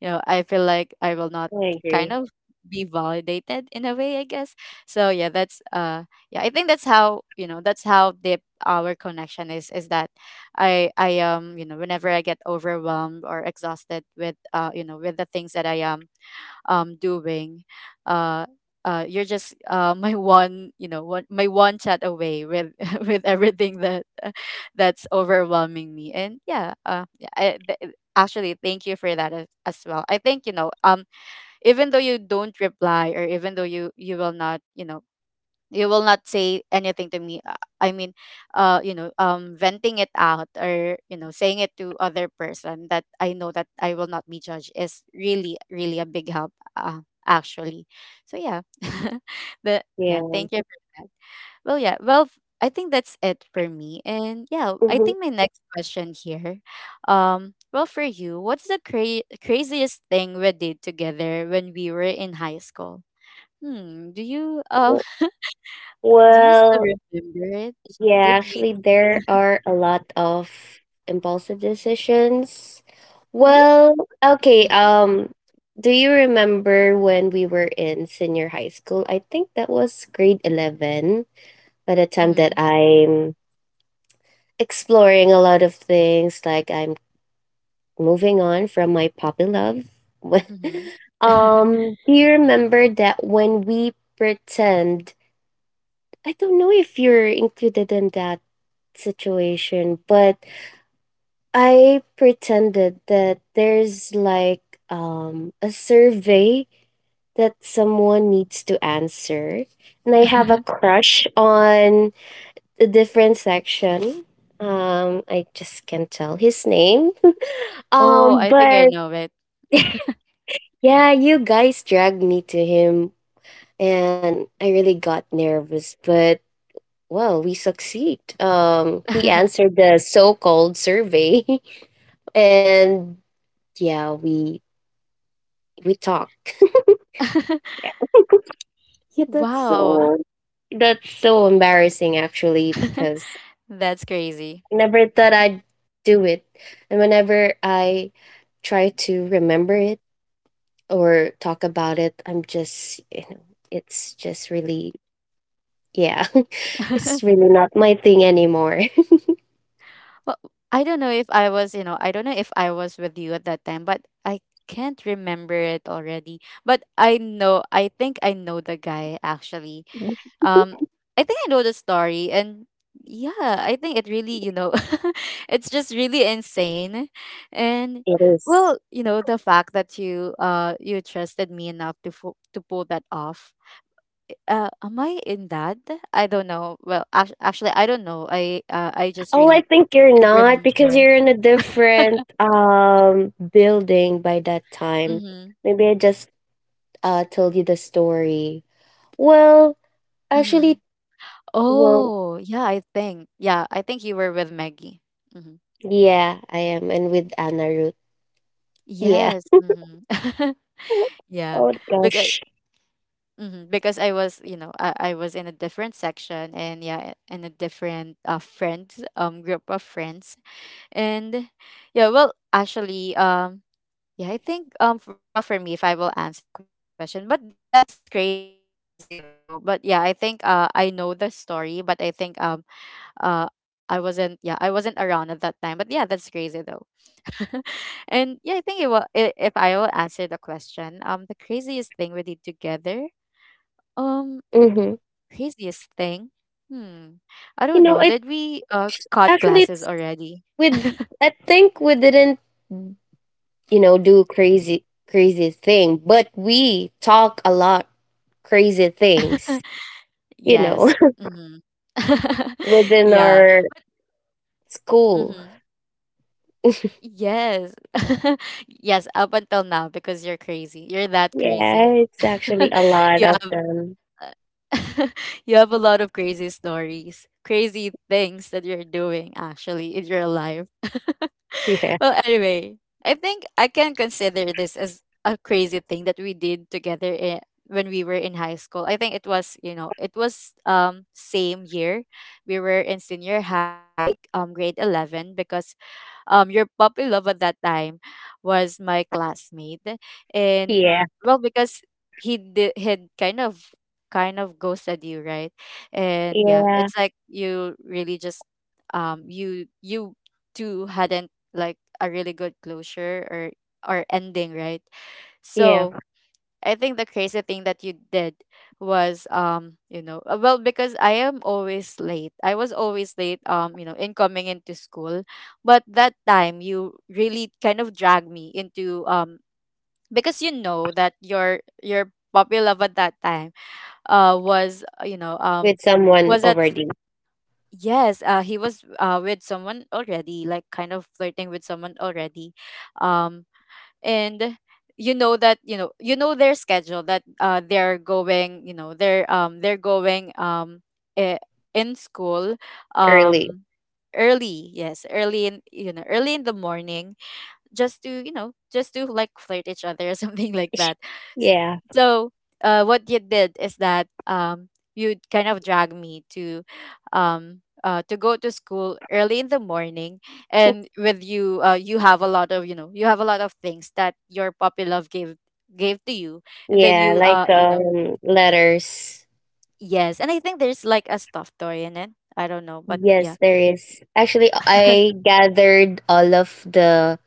[SPEAKER 1] you know I feel like I will not
[SPEAKER 2] I
[SPEAKER 1] kind
[SPEAKER 2] agree.
[SPEAKER 1] of be validated in a way, I guess. So yeah, that's, uh yeah, I think that's how, you know that's how deep our connection is is that, I I um you know whenever I get overwhelmed or exhausted with, uh you know with the things that I am um doing. uh uh you're just uh my one, you know one my one chat away with, with everything that, that's overwhelming me. And yeah, uh yeah, I, th- actually, thank you for that, as, as well. I think, you know um even though you don't reply, or even though you you will not, you know you will not say anything to me, uh, I mean, uh you know um venting it out, or, you know saying it to other person that I know that I will not be judged, is really really a big help, uh, actually. So yeah, but yeah,
[SPEAKER 2] Yeah.
[SPEAKER 1] thank you for that. Well, yeah, well, f- I think that's it for me. And yeah, I
[SPEAKER 2] Mhm.
[SPEAKER 1] think my next question here, um well, for you, what's the cra- craziest thing we did together when we were in high school? Hmm, do you um
[SPEAKER 2] W-
[SPEAKER 1] do you still
[SPEAKER 2] Well,
[SPEAKER 1] remember it?
[SPEAKER 2] yeah,
[SPEAKER 1] Did we
[SPEAKER 2] actually, there are a lot of impulsive decisions.
[SPEAKER 1] really?
[SPEAKER 2] Well, okay.
[SPEAKER 1] Mm-hmm.
[SPEAKER 2] Um, do you remember when we were in senior high school? I think that was grade eleven by the time that I'm exploring a lot of things, like I'm moving on from my puppy love.
[SPEAKER 1] Mm-hmm.
[SPEAKER 2] Um, do you remember that when we pretend, I don't know if you're included in that situation, but I pretended that there's like um a survey that someone needs to answer. And I have a crush on the different section. Um I just can't tell his name.
[SPEAKER 1] oh,
[SPEAKER 2] Um
[SPEAKER 1] I think I
[SPEAKER 2] but
[SPEAKER 1] know it.
[SPEAKER 2] yeah, you guys dragged me to him, and I really got nervous, but, well, we succeed. Um, he answered the so-called survey. And yeah, we we talk. Yeah, that's
[SPEAKER 1] wow.
[SPEAKER 2] so that's so embarrassing actually, because
[SPEAKER 1] That's crazy.
[SPEAKER 2] I never thought I'd do it, and whenever I try to remember it or talk about it, I'm just, you know it's just really, yeah, it's really not my thing anymore.
[SPEAKER 1] well, I don't know if I was, you know, I don't know if I was with you at that time, but I can't remember it already. But I know, I think I know the guy, actually. Um, I think I know the story, and yeah, I think it really, you know, it's just really insane. And
[SPEAKER 2] It is.
[SPEAKER 1] well, you know, the fact that you uh you trusted me enough to, fu- to pull that off. Uh, am I in that? I don't know. Well, act- actually, I don't know. I uh, I just
[SPEAKER 2] Oh, I
[SPEAKER 1] really
[SPEAKER 2] think you're
[SPEAKER 1] can't
[SPEAKER 2] not, because
[SPEAKER 1] remember.
[SPEAKER 2] you're in a different um building by that time.
[SPEAKER 1] Mm-hmm.
[SPEAKER 2] Maybe I just uh told you the story. Well,
[SPEAKER 1] Mm-hmm.
[SPEAKER 2] actually,
[SPEAKER 1] Oh,
[SPEAKER 2] well,
[SPEAKER 1] yeah, I think. Yeah, I think you were with Maggie. Mm-hmm.
[SPEAKER 2] yeah, I am, and with Anna Ruth, yeah.
[SPEAKER 1] Yes. Mm-hmm. yeah.
[SPEAKER 2] Oh
[SPEAKER 1] Look at
[SPEAKER 2] gosh.
[SPEAKER 1] hmm Because I was, you know, I, I was in a different section, and yeah, in a different, uh friends um group of friends. And yeah, well, actually, um yeah, I think, um f- well, for me, if I will answer the question, but that's crazy though. But yeah, I think, uh I know the story, but I think, um uh I wasn't yeah I wasn't around at that time. But yeah, that's crazy though. and yeah, I think it will, i- if I will answer the question, um the craziest thing we did together. um.
[SPEAKER 2] Mm-hmm.
[SPEAKER 1] Craziest thing? Hmm.
[SPEAKER 2] You know,
[SPEAKER 1] I
[SPEAKER 2] it
[SPEAKER 1] don't know. Did we uh
[SPEAKER 2] actually
[SPEAKER 1] cut
[SPEAKER 2] it's
[SPEAKER 1] classes already?
[SPEAKER 2] with I think we didn't, you know do crazy, crazy thing, but we talk a lot crazy things, you know,
[SPEAKER 1] Yes. Mm-hmm.
[SPEAKER 2] within
[SPEAKER 1] Yeah.
[SPEAKER 2] our school.
[SPEAKER 1] Mm-hmm. Yes. Yes, up until now, because you're crazy. You're that
[SPEAKER 2] Yeah,
[SPEAKER 1] crazy.
[SPEAKER 2] it's actually a lot
[SPEAKER 1] You
[SPEAKER 2] of
[SPEAKER 1] have.
[SPEAKER 2] them.
[SPEAKER 1] Uh, you have a lot of crazy stories, crazy things that you're doing actually in your life.
[SPEAKER 2] Yeah.
[SPEAKER 1] well, anyway, I think I can consider this as a crazy thing that we did together, in, when we were in high school. I think it was, you know, it was um same year. We were in senior high, um grade eleven, because um your puppy love at that time was my classmate, and,
[SPEAKER 2] Yeah.
[SPEAKER 1] well, because he did had kind of kind of ghosted you, right? And yeah,
[SPEAKER 2] Yeah.
[SPEAKER 1] it's like you really just, um you you two hadn't like a really good closure, or or ending, right? So
[SPEAKER 2] Yeah.
[SPEAKER 1] I think the crazy thing that you did was, um you know uh, well, because I am always late. I was always late, um you know in coming into school. But that time you really kind of dragged me into, um because you know that your your puppy love at that time, uh was, uh, you know um
[SPEAKER 2] With someone
[SPEAKER 1] was at,
[SPEAKER 2] already.
[SPEAKER 1] yes, uh he was, uh with someone already, like kind of flirting with someone already. um and you know that you know, you know their schedule, that uh they're going, you know they're um they're going, um eh, in school,
[SPEAKER 2] Early.
[SPEAKER 1] um early. Yes, early in you know early in the morning, just to, you know just to like flirt each other, or something like that. S-
[SPEAKER 2] Yeah.
[SPEAKER 1] so, uh, what you did is that, um, you'd kind of drag me to, um, uh, to go to school early in the morning. And with you, uh, you have a lot of, you know you have a lot of things that your puppy love gave, gave to you. And then,
[SPEAKER 2] Yeah,
[SPEAKER 1] you uh
[SPEAKER 2] like
[SPEAKER 1] you know
[SPEAKER 2] um letters.
[SPEAKER 1] yes, and I think there's like a stuffed toy in it. I don't know, but yeah.
[SPEAKER 2] Yes, there is. Actually, I gathered all of the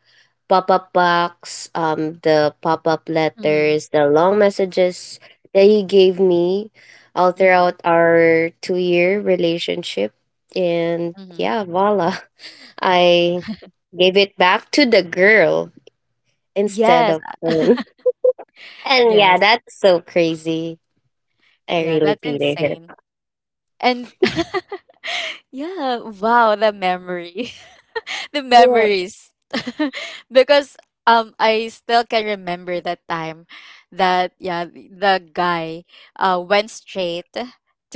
[SPEAKER 2] pop-up box, um the pop-up
[SPEAKER 1] mm-hmm.
[SPEAKER 2] letters, the long messages that he gave me all
[SPEAKER 1] Mm-hmm.
[SPEAKER 2] throughout our two-year relationship. And
[SPEAKER 1] Mm-hmm.
[SPEAKER 2] yeah, voila. I gave it back to the girl instead
[SPEAKER 1] Yes.
[SPEAKER 2] of him. And yeah,
[SPEAKER 1] yes.
[SPEAKER 2] that's so crazy. I
[SPEAKER 1] Yeah,
[SPEAKER 2] really
[SPEAKER 1] that's
[SPEAKER 2] pitied
[SPEAKER 1] insane.
[SPEAKER 2] her.
[SPEAKER 1] And yeah, wow, the memory. the
[SPEAKER 2] Yeah.
[SPEAKER 1] memories. because um I still can remember that time, that yeah, the the guy uh went straight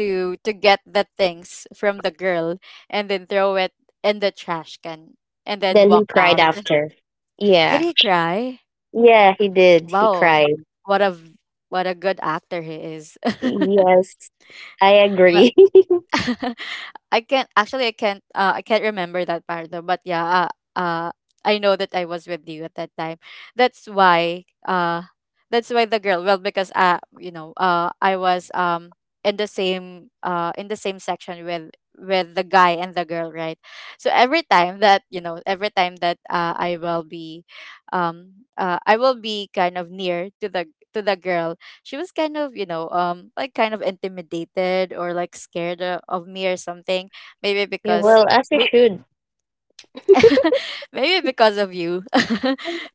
[SPEAKER 1] to to get the things from the girl, and then throw it in the trash can, and then
[SPEAKER 2] Then he
[SPEAKER 1] walked
[SPEAKER 2] cried
[SPEAKER 1] out.
[SPEAKER 2] after. Yeah.
[SPEAKER 1] Did he cry?
[SPEAKER 2] Yeah, he did. He
[SPEAKER 1] Wow.
[SPEAKER 2] cried.
[SPEAKER 1] What a v- what a good actor he is.
[SPEAKER 2] Yes, I
[SPEAKER 1] Well.
[SPEAKER 2] agree.
[SPEAKER 1] I can't, actually, I can't, uh, I can't remember that part though, but yeah, uh, uh I know that I was with you at that time. That's why uh that's why the girl, well, because, uh you know uh I was, um in the same, uh in the same section with, with the guy and the girl, right? So every time that you know every time that uh, I will be um uh I will be kind of near to the to the girl. She was kind of, you know um like kind of intimidated or like scared, uh, of me or something. Maybe
[SPEAKER 2] Yeah,
[SPEAKER 1] because
[SPEAKER 2] well, as you
[SPEAKER 1] may-
[SPEAKER 2] should.
[SPEAKER 1] maybe because of you.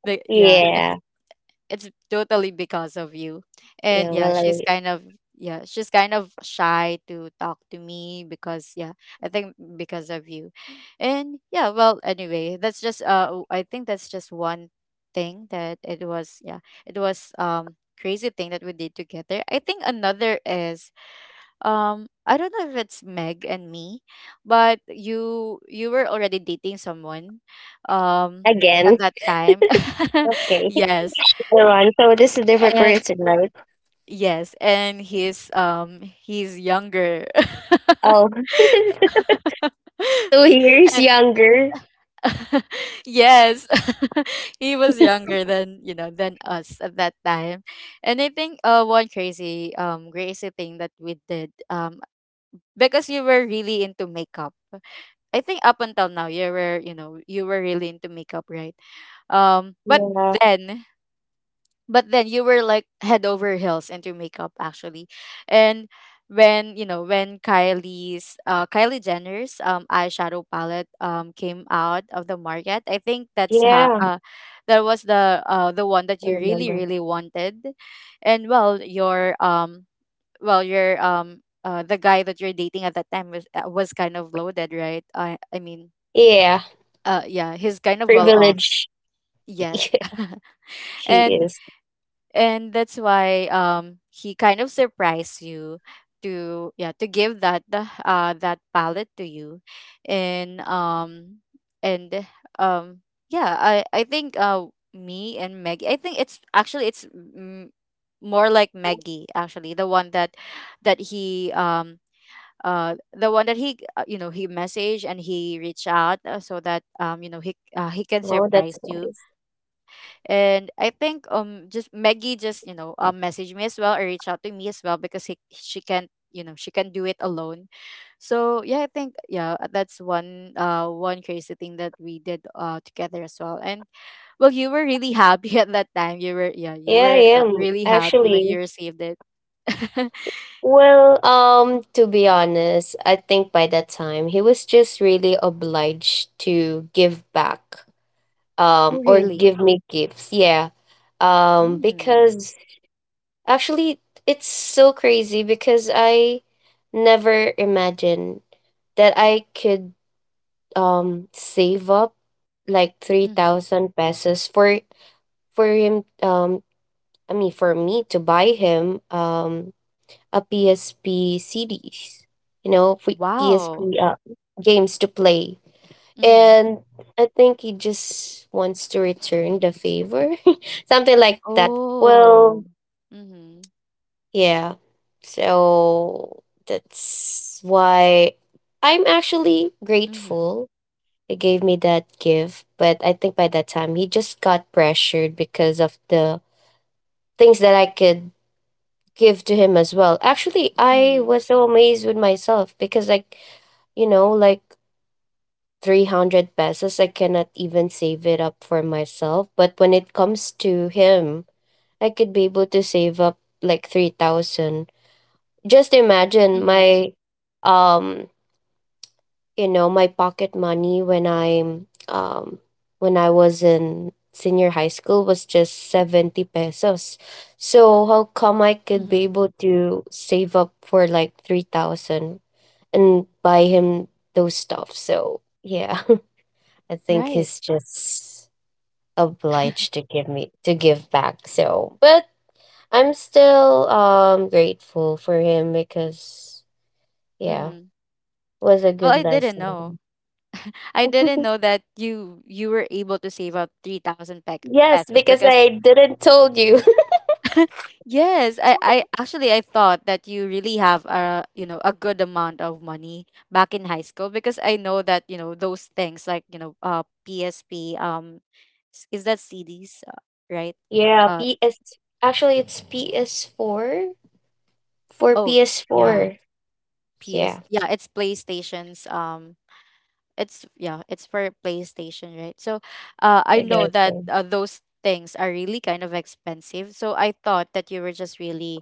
[SPEAKER 1] But yeah, it's
[SPEAKER 2] Yeah.
[SPEAKER 1] it's totally because of you. And
[SPEAKER 2] Yeah,
[SPEAKER 1] yeah,
[SPEAKER 2] well,
[SPEAKER 1] she's kind of, yeah, she's kind of shy to talk to me because, yeah, I think because of you. And yeah, well, anyway, that's just uh w- I think that's just one thing that it was, yeah, it was um crazy thing that we did together. I think another is, um I don't know if it's Meg and me, but you you were already dating someone um
[SPEAKER 2] I,
[SPEAKER 1] at
[SPEAKER 2] again.
[SPEAKER 1] that time.
[SPEAKER 2] Okay.
[SPEAKER 1] Yes.
[SPEAKER 2] Go on. So this is a different
[SPEAKER 1] And
[SPEAKER 2] person, right?
[SPEAKER 1] yes, and he's um he's younger.
[SPEAKER 2] Oh. Two years
[SPEAKER 1] And
[SPEAKER 2] younger.
[SPEAKER 1] yes, he was younger than, you know than us at that time. And I think uh one crazy um crazy thing that we did, um because you were really into makeup. I think up until now you were, you know you were really into makeup, right? Um, but
[SPEAKER 2] Yeah.
[SPEAKER 1] then, but then you were like head over heels into makeup, actually. And when, you know when Kylie's uh Kylie Jenner's um eyeshadow palette um came out of the market, I think that's ha-
[SPEAKER 2] Yeah,
[SPEAKER 1] uh that was the, uh the one that
[SPEAKER 2] I
[SPEAKER 1] you really
[SPEAKER 2] remember.
[SPEAKER 1] really wanted. And well, your um well, your um uh the guy that you're dating at that time was, uh, was kind of loaded, right? I i mean,
[SPEAKER 2] Yeah.
[SPEAKER 1] uh yeah, he's kind of well off.
[SPEAKER 2] Privileged.
[SPEAKER 1] Yes.
[SPEAKER 2] She
[SPEAKER 1] and
[SPEAKER 2] is.
[SPEAKER 1] and that's why, um he kind of surprised you to, yeah, to give that, the, uh that palette to you. And um and um yeah, i i think uh me and Maggie, I think it's actually it's, mm, more like Maggie, actually, the one that, that he um uh the one that he, uh, you know, he messaged and he reached out, uh, so that, um you know, he uh, he can
[SPEAKER 2] Oh,
[SPEAKER 1] surprise
[SPEAKER 2] that's
[SPEAKER 1] you.
[SPEAKER 2] nice.
[SPEAKER 1] And I think um just Maggie just, you know um messaged me as well or reached out to me as well because he, she can't, you know she can not do it alone. So yeah, I think, yeah, uh, that's one, uh one crazy thing that we did uh together as well. And well, you were really happy at that time. You were, yeah, you
[SPEAKER 2] Yeah, I
[SPEAKER 1] were, uh,
[SPEAKER 2] am
[SPEAKER 1] really happy when you
[SPEAKER 2] actually.
[SPEAKER 1] received it.
[SPEAKER 2] Well, um, to be honest, I think by that time he was just really obliged to give back, um,
[SPEAKER 1] Oh
[SPEAKER 2] or
[SPEAKER 1] really?
[SPEAKER 2] give me gifts. Yeah, um,
[SPEAKER 1] Mm.
[SPEAKER 2] because actually it's so crazy because I never imagined that I could um save up like
[SPEAKER 1] Mm-hmm.
[SPEAKER 2] three thousand pesos for for him um I mean, for me to buy him um, a P S P C Ds, you know, free
[SPEAKER 1] Wow.
[SPEAKER 2] P S P uh, games to play.
[SPEAKER 1] Mm-hmm.
[SPEAKER 2] And I think he just wants to return the favor, something like that. Well,
[SPEAKER 1] Oh. Mm-hmm.
[SPEAKER 2] yeah. So that's why I'm actually
[SPEAKER 1] Mm-hmm.
[SPEAKER 2] grateful he gave me that gift. But I think by that time, he just got pressured because of the things that I could give to him as well. Actually, I
[SPEAKER 1] Mm-hmm.
[SPEAKER 2] was so amazed with myself because, like, you know, like three hundred pesos, I cannot even save it up for myself. But when it comes to him, I could be able to save up like three thousand. Just imagine
[SPEAKER 1] Mm-hmm.
[SPEAKER 2] my um you know my pocket money when I'm um when I was in senior high school was just seventy pesos. So how come I could be
[SPEAKER 1] Mm-hmm.
[SPEAKER 2] able to save up for like three thousand and buy him those stuff? So yeah, I think
[SPEAKER 1] Right.
[SPEAKER 2] he's just obliged to give me to give back. So but I'm still um grateful for him because yeah,
[SPEAKER 1] Mm-hmm.
[SPEAKER 2] was a
[SPEAKER 1] Well,
[SPEAKER 2] good
[SPEAKER 1] I didn't know.
[SPEAKER 2] lesson.
[SPEAKER 1] I didn't know that you you were able to save up three thousand pe-
[SPEAKER 2] Yes,
[SPEAKER 1] pesos,
[SPEAKER 2] because
[SPEAKER 1] because
[SPEAKER 2] I didn't told you.
[SPEAKER 1] yes, I I actually I thought that you really have a, you know, a good amount of money back in high school, because I know that, you know, those things like, you know, uh P S P, um s- is that C Ds, uh, right?
[SPEAKER 2] Yeah,
[SPEAKER 1] Uh
[SPEAKER 2] P S, actually it's P S four, for
[SPEAKER 1] oh, yeah,
[SPEAKER 2] P S four. Yeah,
[SPEAKER 1] P S. Yeah, it's PlayStation's. Um It's yeah, it's for PlayStation, right? So, uh, I
[SPEAKER 2] I
[SPEAKER 1] know
[SPEAKER 2] guess
[SPEAKER 1] that,
[SPEAKER 2] so.
[SPEAKER 1] uh, those things are really kind of expensive. So I thought that you were just really,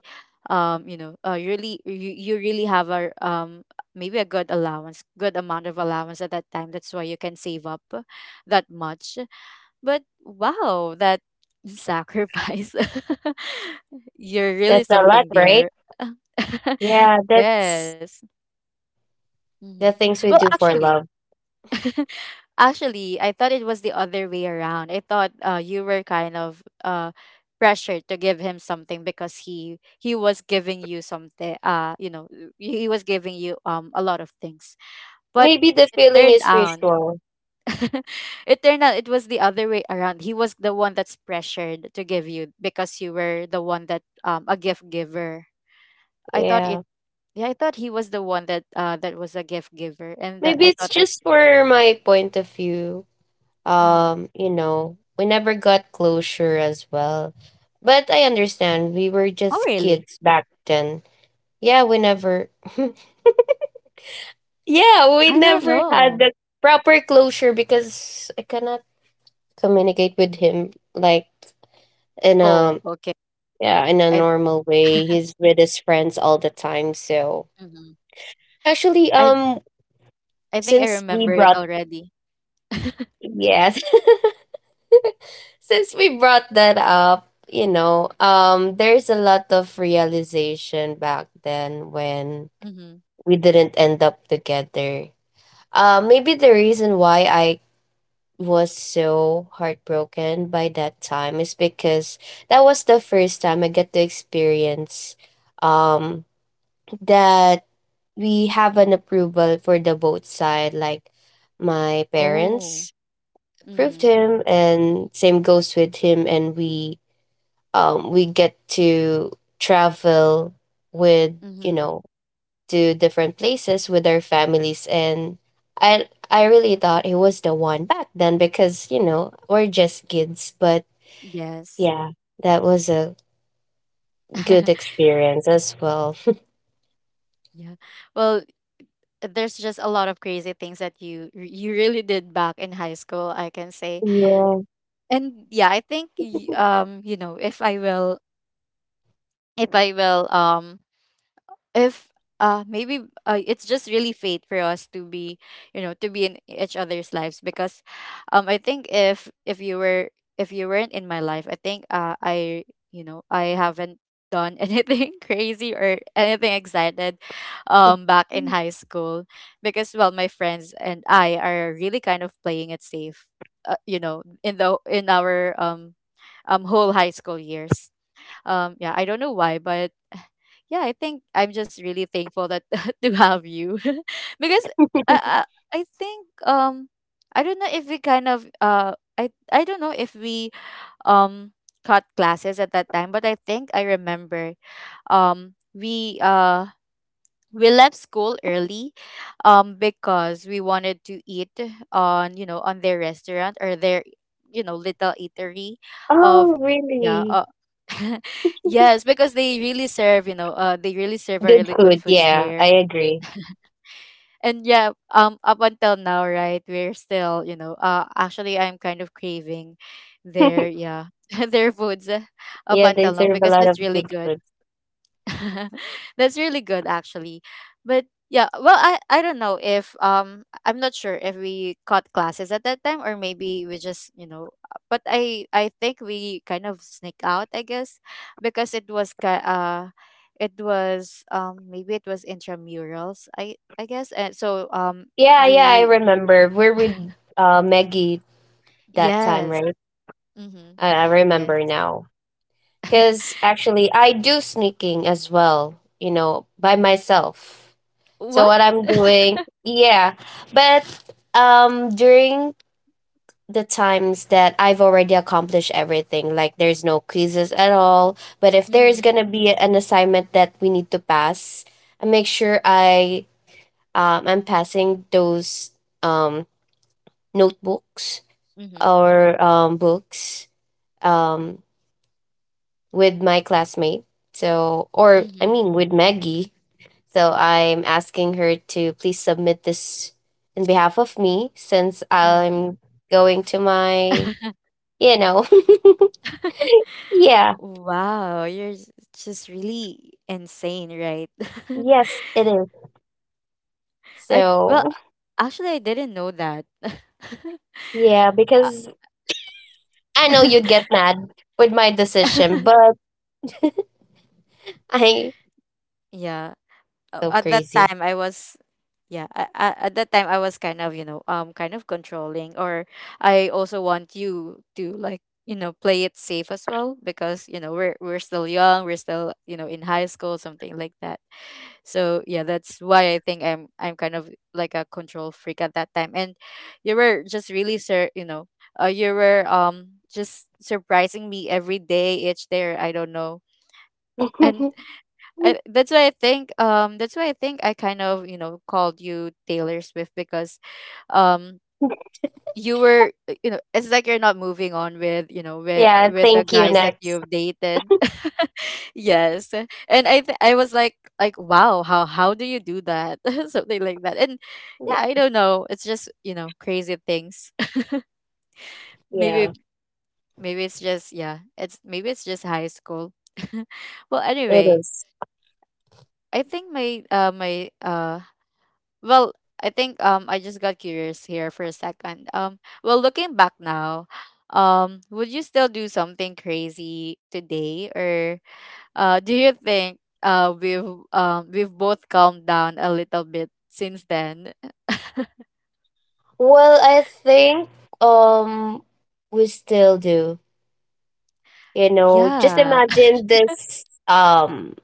[SPEAKER 1] um, you know, uh, you really you, you really have a, um maybe a good allowance, good amount of allowance at that time. That's why you can save up that much. But wow, that sacrifice. You're really
[SPEAKER 2] That's a lot,
[SPEAKER 1] something
[SPEAKER 2] right?
[SPEAKER 1] there.
[SPEAKER 2] Yeah, that's
[SPEAKER 1] Yes. Hmm.
[SPEAKER 2] the things
[SPEAKER 1] Well,
[SPEAKER 2] we do for
[SPEAKER 1] actually,
[SPEAKER 2] love.
[SPEAKER 1] actually, I thought it was the other way around. I thought, uh, you were kind of, uh, pressured to give him something because he he was giving you something. Uh, you know, uh, he he was giving you um a lot of things, but
[SPEAKER 2] Maybe the
[SPEAKER 1] it
[SPEAKER 2] feeling
[SPEAKER 1] turned
[SPEAKER 2] is
[SPEAKER 1] out.
[SPEAKER 2] mutual.
[SPEAKER 1] It turned out it was the other way around. He was the one that's pressured to give you because you were the one that, um a gift giver. I thought it
[SPEAKER 2] Yeah.
[SPEAKER 1] Yeah, I thought he was the one that, uh that was a gift giver and that
[SPEAKER 2] Maybe
[SPEAKER 1] I
[SPEAKER 2] it's
[SPEAKER 1] thought that,
[SPEAKER 2] just for my point of view.
[SPEAKER 1] hmm.
[SPEAKER 2] Um, you know, we never got closure as well. But I understand we were
[SPEAKER 1] Oh
[SPEAKER 2] just
[SPEAKER 1] really?
[SPEAKER 2] kids back then. Yeah, we never yeah, we
[SPEAKER 1] I don't
[SPEAKER 2] never had
[SPEAKER 1] know.
[SPEAKER 2] the proper closure because I cannot communicate with him like in
[SPEAKER 1] Oh,
[SPEAKER 2] a
[SPEAKER 1] okay.
[SPEAKER 2] yeah, in a
[SPEAKER 1] I
[SPEAKER 2] normal way. He's with his friends all the time, so
[SPEAKER 1] Mhm.
[SPEAKER 2] actually
[SPEAKER 1] I
[SPEAKER 2] um
[SPEAKER 1] I think I
[SPEAKER 2] since we
[SPEAKER 1] remember it
[SPEAKER 2] brought
[SPEAKER 1] already.
[SPEAKER 2] yes, since we brought that up, you know, um there's a lot of realization back then when
[SPEAKER 1] Mm-hmm.
[SPEAKER 2] we didn't end up together. Uh, maybe the reason why I was so heartbroken by that time is because that was the first time I get to experience um that we have an approval for the both side, like my
[SPEAKER 1] Oh.
[SPEAKER 2] parents approved
[SPEAKER 1] Mm-hmm.
[SPEAKER 2] him and same goes with him. And we um we get to travel with you
[SPEAKER 1] Mm-hmm.
[SPEAKER 2] know to different places with our families. And I I really thought it was the one back then because, you know, we're just kids, but
[SPEAKER 1] Yes.
[SPEAKER 2] yeah, that was a good experience as well.
[SPEAKER 1] Yeah. Well, there's just a lot of crazy things that you you really did back in high school, I can say.
[SPEAKER 2] Yeah.
[SPEAKER 1] And yeah, I think y- um, you know, if I will, if I will um if uh maybe, uh, it's just really fate for us to be, you know to be in each other's lives, because um I think if if you were, if you weren't in my life, I think uh I you know, I haven't done anything crazy or anything excited, um back in high school, because well, my friends and I are really kind of playing it safe, uh, you know, in the in our um um whole high school years, um yeah, I don't know why, but yeah, I think I'm just really thankful that to have you because I, I I think, um I don't know if we kind of uh I I don't know if we, um cut classes at that time, but I think I remember, um we uh we left school early, um because we wanted to eat on, you know on their restaurant or their, you know little eatery of,
[SPEAKER 2] Oh,
[SPEAKER 1] yeah.
[SPEAKER 2] really?
[SPEAKER 1] Yes, because they really serve, you know, uh, they really serve a
[SPEAKER 2] Good
[SPEAKER 1] really good
[SPEAKER 2] food.
[SPEAKER 1] foods
[SPEAKER 2] Yeah, I
[SPEAKER 1] there.
[SPEAKER 2] agree.
[SPEAKER 1] And yeah, um, up until now, right, we're still, you know, uh, actually, I'm kind of craving their, yeah, their foods, uh, up
[SPEAKER 2] Yeah, they
[SPEAKER 1] until now,
[SPEAKER 2] serve a
[SPEAKER 1] because
[SPEAKER 2] lot
[SPEAKER 1] it's
[SPEAKER 2] of
[SPEAKER 1] really
[SPEAKER 2] good
[SPEAKER 1] good.
[SPEAKER 2] food.
[SPEAKER 1] That's really good, actually. But yeah, well, I I don't know if, um I'm not sure if we caught classes at that time, or maybe we just, you know, uh, but I I think we kind of sneak out, I guess, because it was ki- uh it was, um maybe it was intramurals, I I guess. And so um
[SPEAKER 2] Yeah, yeah, I
[SPEAKER 1] we,
[SPEAKER 2] remember. We're with uh, Maggie that time,
[SPEAKER 1] yes.
[SPEAKER 2] right?
[SPEAKER 1] Mhm.
[SPEAKER 2] I, I remember
[SPEAKER 1] Yes.
[SPEAKER 2] now. Because actually, I do sneaking as well, you know, by myself. So
[SPEAKER 1] What?
[SPEAKER 2] what I'm doing, yeah. But um, during the times that I've already accomplished everything, like there's no quizzes at all. But if there is
[SPEAKER 1] Mhm.
[SPEAKER 2] gonna be an assignment that we need to pass, I make sure I um I'm passing those um notebooks
[SPEAKER 1] Mhm.
[SPEAKER 2] or um books um with my classmate. So, or I
[SPEAKER 1] Mhm.
[SPEAKER 2] mean, with Maggie. So, I'm asking her to please submit this in behalf of me since
[SPEAKER 1] Mhm.
[SPEAKER 2] I'm going to
[SPEAKER 1] Mhm.
[SPEAKER 2] my, you know, yeah,
[SPEAKER 1] Wow, you're s- just really insane, right?
[SPEAKER 2] yes, it is.
[SPEAKER 1] I
[SPEAKER 2] So,
[SPEAKER 1] Well, actually, I didn't know that.
[SPEAKER 2] yeah,
[SPEAKER 1] Uh,
[SPEAKER 2] because I know you'd get mad with my decision, but I
[SPEAKER 1] yeah. Uh,
[SPEAKER 2] so
[SPEAKER 1] at that
[SPEAKER 2] crazy.
[SPEAKER 1] time I was, yeah, I, I, at that time I was kind of, you know um kind of controlling. Or I also want you to, like, you know play it safe as well, because, you know, we're we're still young, we're still, you know, in high school, something like that. So yeah, that's why I think I'm I'm kind of like a control freak at that time. And you were just really sir you know, uh, you were, um just surprising me every day, each day, or I don't know. And I, that's why I think, um that's why I think I kind of, you know, called you Taylor Swift because, um you were, uh, you know, it's like you're not moving on with, you know, with
[SPEAKER 2] Yeah,
[SPEAKER 1] with the
[SPEAKER 2] thank you.
[SPEAKER 1] guys that
[SPEAKER 2] Next.
[SPEAKER 1] you've dated. Yes. And I th- I was like like wow, how how do you do that? Something like that. And yeah, I don't know, it's just, you know, crazy things.
[SPEAKER 2] Yeah,
[SPEAKER 1] Maybe, maybe it's just, yeah, it's, maybe it's just high school. Well,
[SPEAKER 2] it
[SPEAKER 1] anyway,
[SPEAKER 2] is.
[SPEAKER 1] I think my uh my uh well, I think, um I just got curious here for a second. Um well, looking back now, um would you still do something crazy today, or uh do you think uh we've, um we've both calmed down a little bit since then?
[SPEAKER 2] Well, I think um we still do. You know, just
[SPEAKER 1] Yeah.
[SPEAKER 2] imagine this um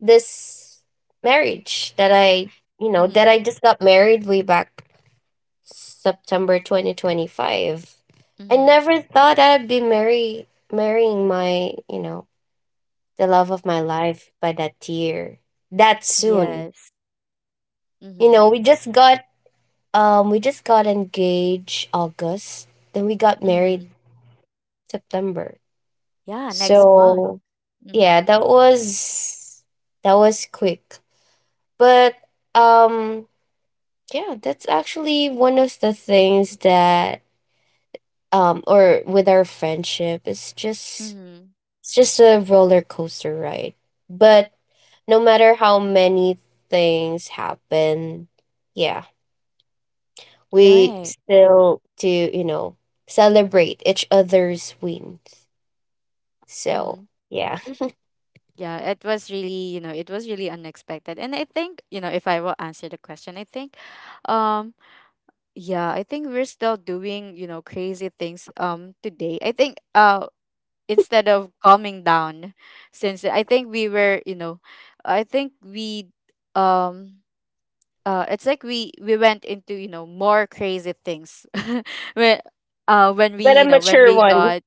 [SPEAKER 2] this marriage that I, you know, that
[SPEAKER 1] Mhm.
[SPEAKER 2] I just got married way back September twenty twenty-five. I
[SPEAKER 1] Mhm.
[SPEAKER 2] never thought I'd be marry marrying my, you know, the love of my life by that year. That soon.
[SPEAKER 1] Yes.
[SPEAKER 2] You know,
[SPEAKER 1] Mhm.
[SPEAKER 2] we just got um we just got engaged August, then we got married
[SPEAKER 1] Mhm.
[SPEAKER 2] September.
[SPEAKER 1] Yeah, next month.
[SPEAKER 2] So yeah,
[SPEAKER 1] Mhm.
[SPEAKER 2] that was that was quick. But um yeah, that's actually one of the things that um or with our friendship, it's just
[SPEAKER 1] Mhm.
[SPEAKER 2] it's just a roller coaster ride. But no matter how many things happen, yeah, we
[SPEAKER 1] Right.
[SPEAKER 2] still do, you know, celebrate each other's wins. So
[SPEAKER 1] Mhm.
[SPEAKER 2] yeah.
[SPEAKER 1] Yeah, it was really, you know, it was really unexpected. And I think, you know, if I will answer the question, I think, um yeah, I think we're still doing, you know, crazy things um today. I think uh instead of calming down, since I think we were, you know, I think we, um uh it's like we we went into, you know, more crazy things when, uh when we,
[SPEAKER 2] But a
[SPEAKER 1] you know, when
[SPEAKER 2] mature
[SPEAKER 1] we
[SPEAKER 2] one.
[SPEAKER 1] got,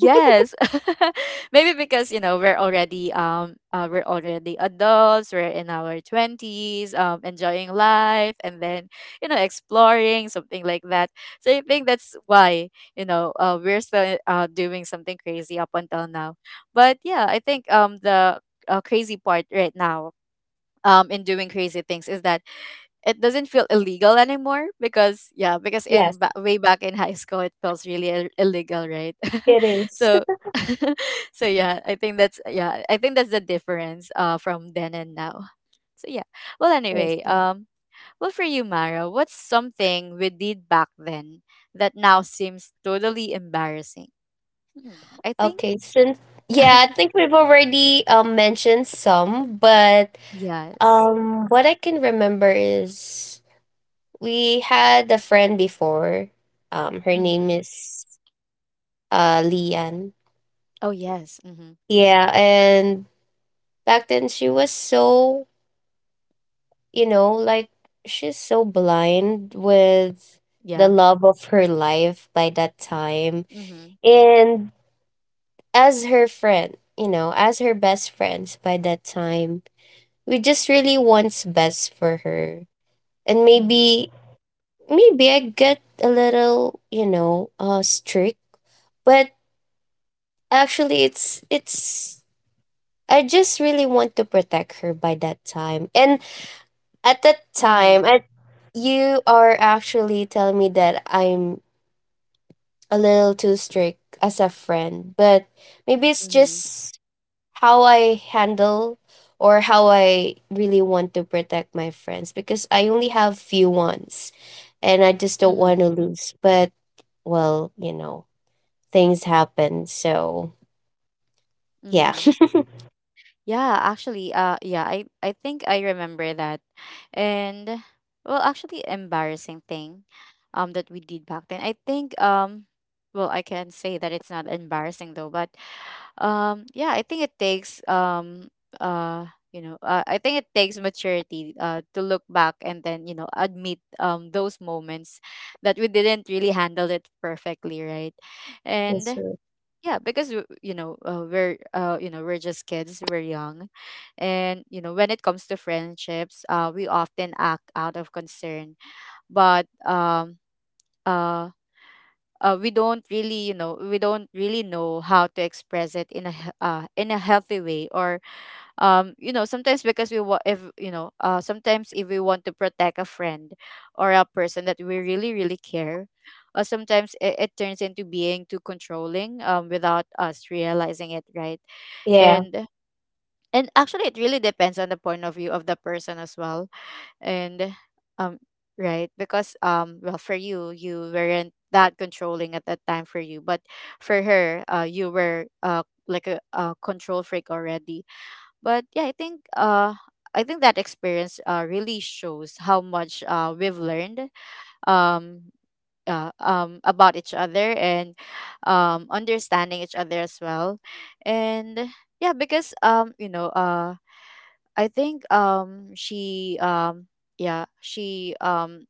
[SPEAKER 1] yes. Maybe because, you know, we're already um uh, we're already adults, we're in our twenties, um enjoying life and then, you know, exploring, something like that. So I think that's why, you know, uh, we're still, uh, doing something crazy up until now. But yeah, I think um the uh, crazy part right now, um in doing crazy things, is that it doesn't feel illegal anymore, because yeah, because
[SPEAKER 2] Yes,
[SPEAKER 1] in ba- way back in high school it feels really Ill- illegal, right?
[SPEAKER 2] it is.
[SPEAKER 1] So so yeah, I think that's, yeah, I think that's the difference, uh from then and now. So yeah, well, anyway,
[SPEAKER 2] Awesome.
[SPEAKER 1] um well, for you, Mara, what's something we did back then that now seems totally embarrassing? Hmm, I think
[SPEAKER 2] Okay, since yeah, I think we've already um, mentioned some, but
[SPEAKER 1] yes.
[SPEAKER 2] um, what I can remember is we had a friend before. Um, her name
[SPEAKER 1] Mm-hmm.
[SPEAKER 2] is uh Lian.
[SPEAKER 1] Oh yes. Mm-hmm.
[SPEAKER 2] Yeah, and back then she was so you know like she's so blind with the
[SPEAKER 1] Yeah.
[SPEAKER 2] love of her life by that time.
[SPEAKER 1] Mm-hmm.
[SPEAKER 2] And as her friend, you know, as her best friends by that time, we just really wants best for her. And
[SPEAKER 1] Mm-hmm.
[SPEAKER 2] maybe maybe I get a little, you know, uh strict. But actually it's it's I just really want to protect her by that time. And at that time
[SPEAKER 1] Mm-hmm.
[SPEAKER 2] I, you are actually telling me that I'm a little too strict as a friend, but maybe it's
[SPEAKER 1] Mm-hmm.
[SPEAKER 2] just how I handle or how I really want to protect my friends because I only have few ones and I just don't want
[SPEAKER 1] Mm-hmm.
[SPEAKER 2] to lose. But well, you know, things happen. So yeah.
[SPEAKER 1] Mm-hmm. Yeah, actually, uh, yeah, I, I think I remember that. And well, actually, embarrassing thing, um, that we did back then. I think, um, well, I can say that it's not embarrassing though, but, um, yeah, I think it takes, um, uh, you know, uh, I think it takes maturity, uh, to look back and then you know admit, um, those moments that we didn't really handle it perfectly, right?
[SPEAKER 2] That's
[SPEAKER 1] And
[SPEAKER 2] true.
[SPEAKER 1] yeah, because w- you know uh, we're uh, you know we're just kids, we're young. And you know when it comes to friendships, uh, we often act out of concern, but um uh, uh we don't really you know we don't really know how to express it in a he- uh, in a healthy way. Or um you know sometimes because we want, if you know uh sometimes if we want to protect a friend or a person that we really really care. Uh, sometimes it, it turns into being too controlling, um without us realizing it, right?
[SPEAKER 2] Yeah.
[SPEAKER 1] and and actually, it really depends on the point of view of the person as well. And um right, because um well, for you you weren't that controlling at that time for you, but for her, uh you were, uh like a, a control freak already. But yeah, i think uh i think that experience uh really shows how much uh we've learned, um uh, um about each other, and um understanding each other as well. And yeah, because um you know uh I think um she um yeah she um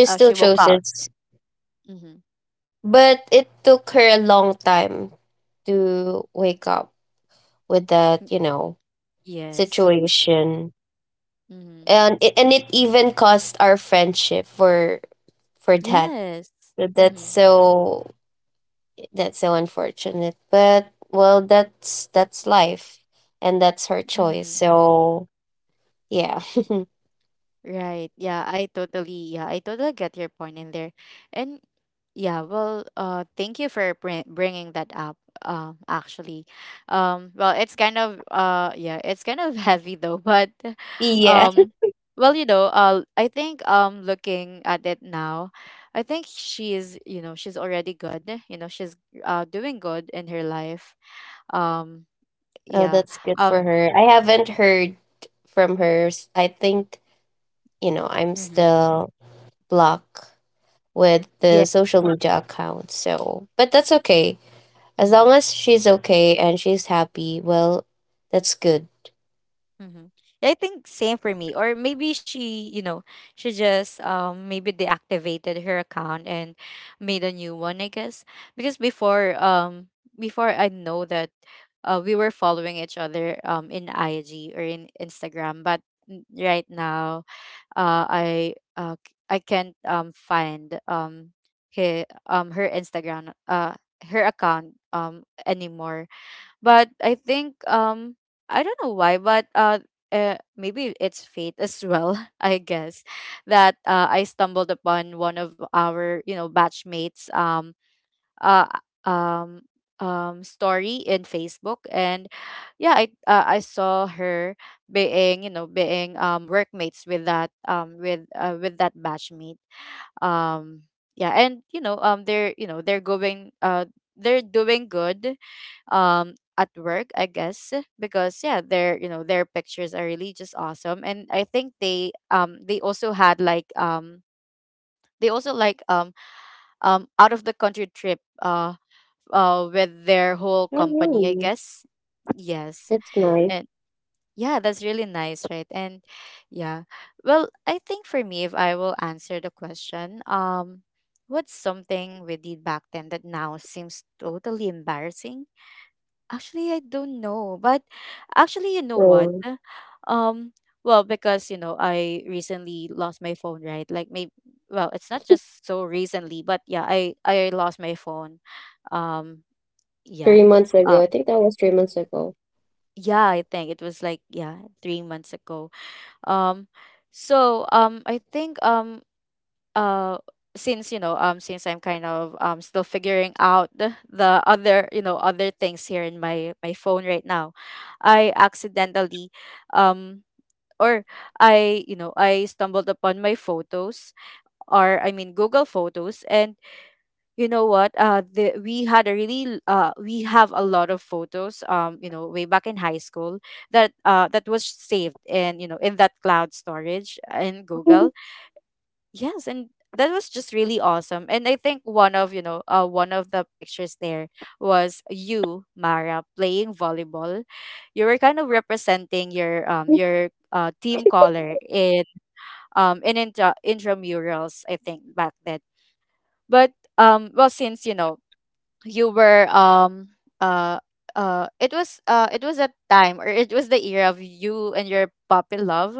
[SPEAKER 2] She
[SPEAKER 1] uh, she
[SPEAKER 2] still
[SPEAKER 1] woke
[SPEAKER 2] chose
[SPEAKER 1] up.
[SPEAKER 2] it.
[SPEAKER 1] Mm-hmm.
[SPEAKER 2] But it took her a long time to wake up with that,
[SPEAKER 1] Mm,
[SPEAKER 2] you know,
[SPEAKER 1] yes.
[SPEAKER 2] situation.
[SPEAKER 1] Mm-hmm.
[SPEAKER 2] And it, and it even cost our friendship for for that.
[SPEAKER 1] Yes.
[SPEAKER 2] So That's
[SPEAKER 1] Mm-hmm.
[SPEAKER 2] so that's so unfortunate. But well, that's that's life and that's her choice.
[SPEAKER 1] Mm-hmm.
[SPEAKER 2] So, yeah.
[SPEAKER 1] Right. Yeah, I totally yeah, I totally get your point in there. And yeah, well, uh thank you for br- bringing that up. Um actually. Um well, it's kind of uh yeah, it's kind of heavy though, but
[SPEAKER 2] yeah.
[SPEAKER 1] um well, you know, uh I think um looking at it now, I think she's, you know, she's already good. You know, she's uh doing good in her life. Um
[SPEAKER 2] Oh,
[SPEAKER 1] yeah.
[SPEAKER 2] that's good for
[SPEAKER 1] Um
[SPEAKER 2] her. I haven't heard from her. S- I think, you know, I'm
[SPEAKER 1] mhm.
[SPEAKER 2] still blocked with
[SPEAKER 1] Yeah.
[SPEAKER 2] the social media account. So, but that's okay. As
[SPEAKER 1] Mhm.
[SPEAKER 2] long as she's okay and she's happy, well, that's good.
[SPEAKER 1] Mm-hmm. I think same for me. Or maybe she, you know, she just um maybe deactivated her account and made a new one, I guess. Because before um before I know that, uh we were following each other um in I G, or in Instagram. But n- right now, uh I uh c- I can't um find um her um her Instagram, uh her account, um anymore. But I think, um I don't know why, but, uh, uh maybe it's fate as well. I guess that, uh, I stumbled upon one of our you know batchmates, um uh um um story in Facebook. And yeah, I uh, I saw her being, you know being um workmates with that, um with uh, with that batchmate, um yeah. And you know um they're you know they're going, uh they're doing good, um at work, I guess. Because yeah, their, you know their pictures are really just awesome. And I think they, um they also had like, um they also like um um out of the country trip, uh uh with their whole
[SPEAKER 2] Oh,
[SPEAKER 1] company, I
[SPEAKER 2] really?
[SPEAKER 1] guess. Yes,
[SPEAKER 2] That's nice.
[SPEAKER 1] and. Yeah, that's really nice, right? And yeah. Well, I think for me, if I will answer the question, um, what's something we did back then that now seems totally embarrassing? Actually, I don't know. But actually, you know what?
[SPEAKER 2] So,
[SPEAKER 1] Um, well, because you know, I recently lost my phone, right? Like, maybe, well, it's not just so recently, but yeah, I I lost my phone. Um, yeah.
[SPEAKER 2] three months
[SPEAKER 1] Uh,
[SPEAKER 2] ago. I think that was three months ago.
[SPEAKER 1] yeah, I think it was like, yeah, three months ago. Um, so um, I think, um, uh, since, you know um, since I'm kind of, um, still figuring out the, the other, you know other things here in my my phone right now, I accidentally, um, or I you know I stumbled upon my photos. Or I mean, Google Photos. And you know what, uh the, we had a really l- uh we have a lot of photos, um you know, way back in high school, that, uh that was saved in, you know in that cloud storage in Google. Yes, and that was just really awesome. And I think one of, you know uh one of the pictures there was you, Mara, playing volleyball. You were kind of representing your, um
[SPEAKER 2] Mm.
[SPEAKER 1] your uh team color in, um in intra- intramurals, I think, back then. But, um well, since you know, you were, um uh uh it was uh it was a time, or it was the year of you and your puppy love,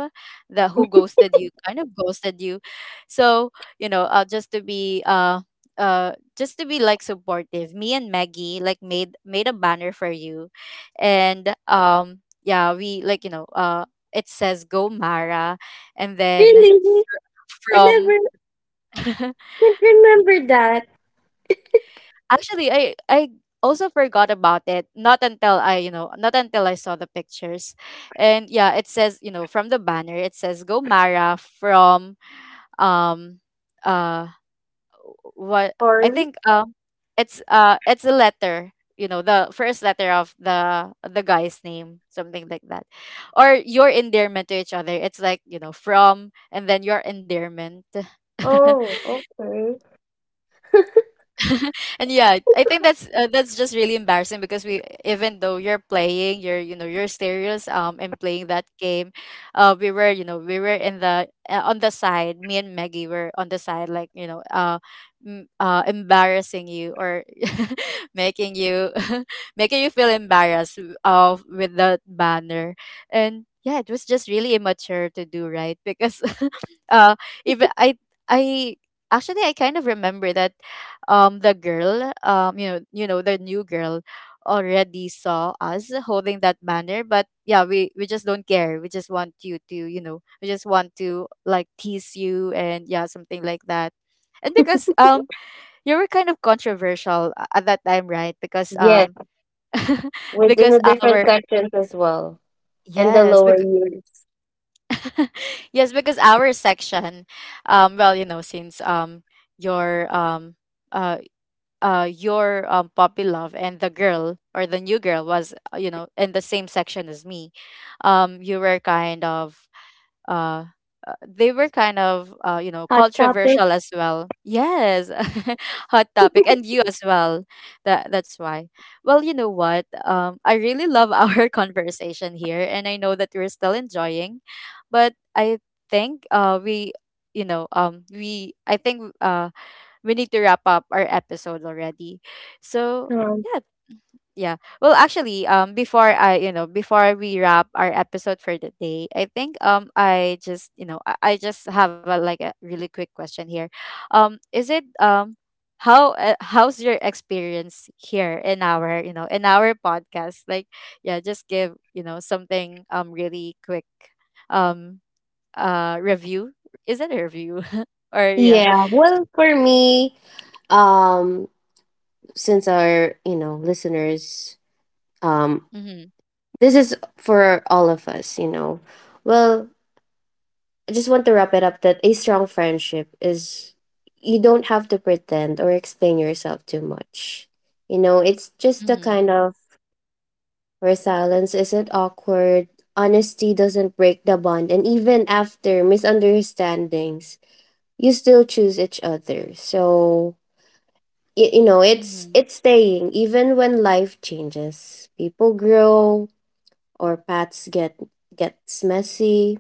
[SPEAKER 1] the, who ghosted you, kind of ghosted you. So, you know, uh just to be, uh uh just to be like supportive, me and Maggie, like, made made a banner for you. And um yeah, we like, you know uh it says Go Mara. And then,
[SPEAKER 2] Really?
[SPEAKER 1] f-
[SPEAKER 2] I
[SPEAKER 1] from.
[SPEAKER 2] never I can't remember that.
[SPEAKER 1] Actually, I I also forgot about it. Not until I, you know, not until I saw the pictures. And yeah, it says, you know, from the banner, it says Go Mara from, um uh what I
[SPEAKER 2] Or
[SPEAKER 1] think, um it's uh it's a letter, you know, the first letter of the the guy's name, something like that. Or your endearment to each other. It's like, you know, from, and then your endearment.
[SPEAKER 2] oh, okay.
[SPEAKER 1] And yeah, I think that's, uh, that's just really embarrassing, because we, even though you're playing, you're you know you're serious, um and playing that game, uh we were, you know we were in the, uh, on the side. Me and Maggie were on the side, like, you know uh m- uh embarrassing you, or making you making you feel embarrassed of, with that banner. And. Yeah, it was just really immature to do, right? Because uh if I I actually, I kind of remember that, um the girl, um you know you know the new girl, already saw us holding that banner. But yeah, we we just don't care. We just want you to, you know we just want to like, tease you. And yeah, something like that. And because, um you were kind of controversial, a- at that time, right? Because,
[SPEAKER 2] Yes,
[SPEAKER 1] um
[SPEAKER 2] within the
[SPEAKER 1] because
[SPEAKER 2] different
[SPEAKER 1] our,
[SPEAKER 2] sections as well, and the
[SPEAKER 1] yes,
[SPEAKER 2] lower
[SPEAKER 1] because,
[SPEAKER 2] years.
[SPEAKER 1] yes, because our section, um well, you know, since, um your um uh uh your, um puppy love, and the girl, or the new girl was, uh, you know, in the same section as me, um you were kind of, uh uh, they were kind of, uh, you know,
[SPEAKER 2] Hot topic.
[SPEAKER 1] controversial as well, yes. Hot topic. And you as well, that that's why. Well, you know what, um I really love our conversation here. And I know that we're still enjoying, but I think, uh we, you know um we I think, uh we need to wrap up our episode already. So
[SPEAKER 2] Um,
[SPEAKER 1] yeah, yeah. Well, actually, um, before I, you know, before we wrap our episode for the day, I think, um, I just, you know, I, I just have a like a really quick question here. Um, is it um. How, uh, how's your experience here in our, you know in our podcast, like, yeah, just give, you know, something, um really quick, um uh review. Is it a review? Or yeah.
[SPEAKER 2] yeah, well, for me, um, since our, you know, listeners, um,
[SPEAKER 1] Mm-hmm,
[SPEAKER 2] this is for all of us, you know. Well, I just want to wrap it up that a strong friendship is you don't have to pretend or explain yourself too much. You know, it's just the
[SPEAKER 1] mm-hmm.
[SPEAKER 2] kind of where silence isn't awkward, honesty doesn't break the bond, and even after misunderstandings, you still choose each other. So you, you know, it's
[SPEAKER 1] Mm-hmm.
[SPEAKER 2] it's staying even when life changes. People grow or paths get gets messy.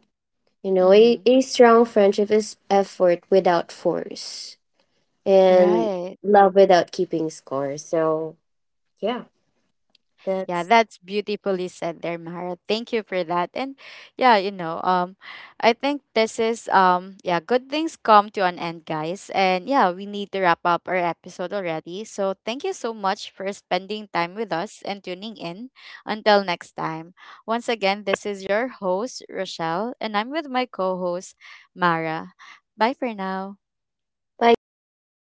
[SPEAKER 2] You know, a,
[SPEAKER 1] Mm-hmm.
[SPEAKER 2] a strong friendship is effort without force and
[SPEAKER 1] Right.
[SPEAKER 2] love without keeping score. So, yeah,
[SPEAKER 1] Yeah,
[SPEAKER 2] that's
[SPEAKER 1] that's beautifully said there, Mara. Thank you for that. And yeah, you know, um, I think this is, um, yeah, good things come to an end, guys. And yeah, we need to wrap up our episode already. So thank you so much for spending time with us and tuning in. Until next time. Once again, this is your host, Rochelle, and I'm with my co-host, Mara. Bye for now.
[SPEAKER 2] bye, guys.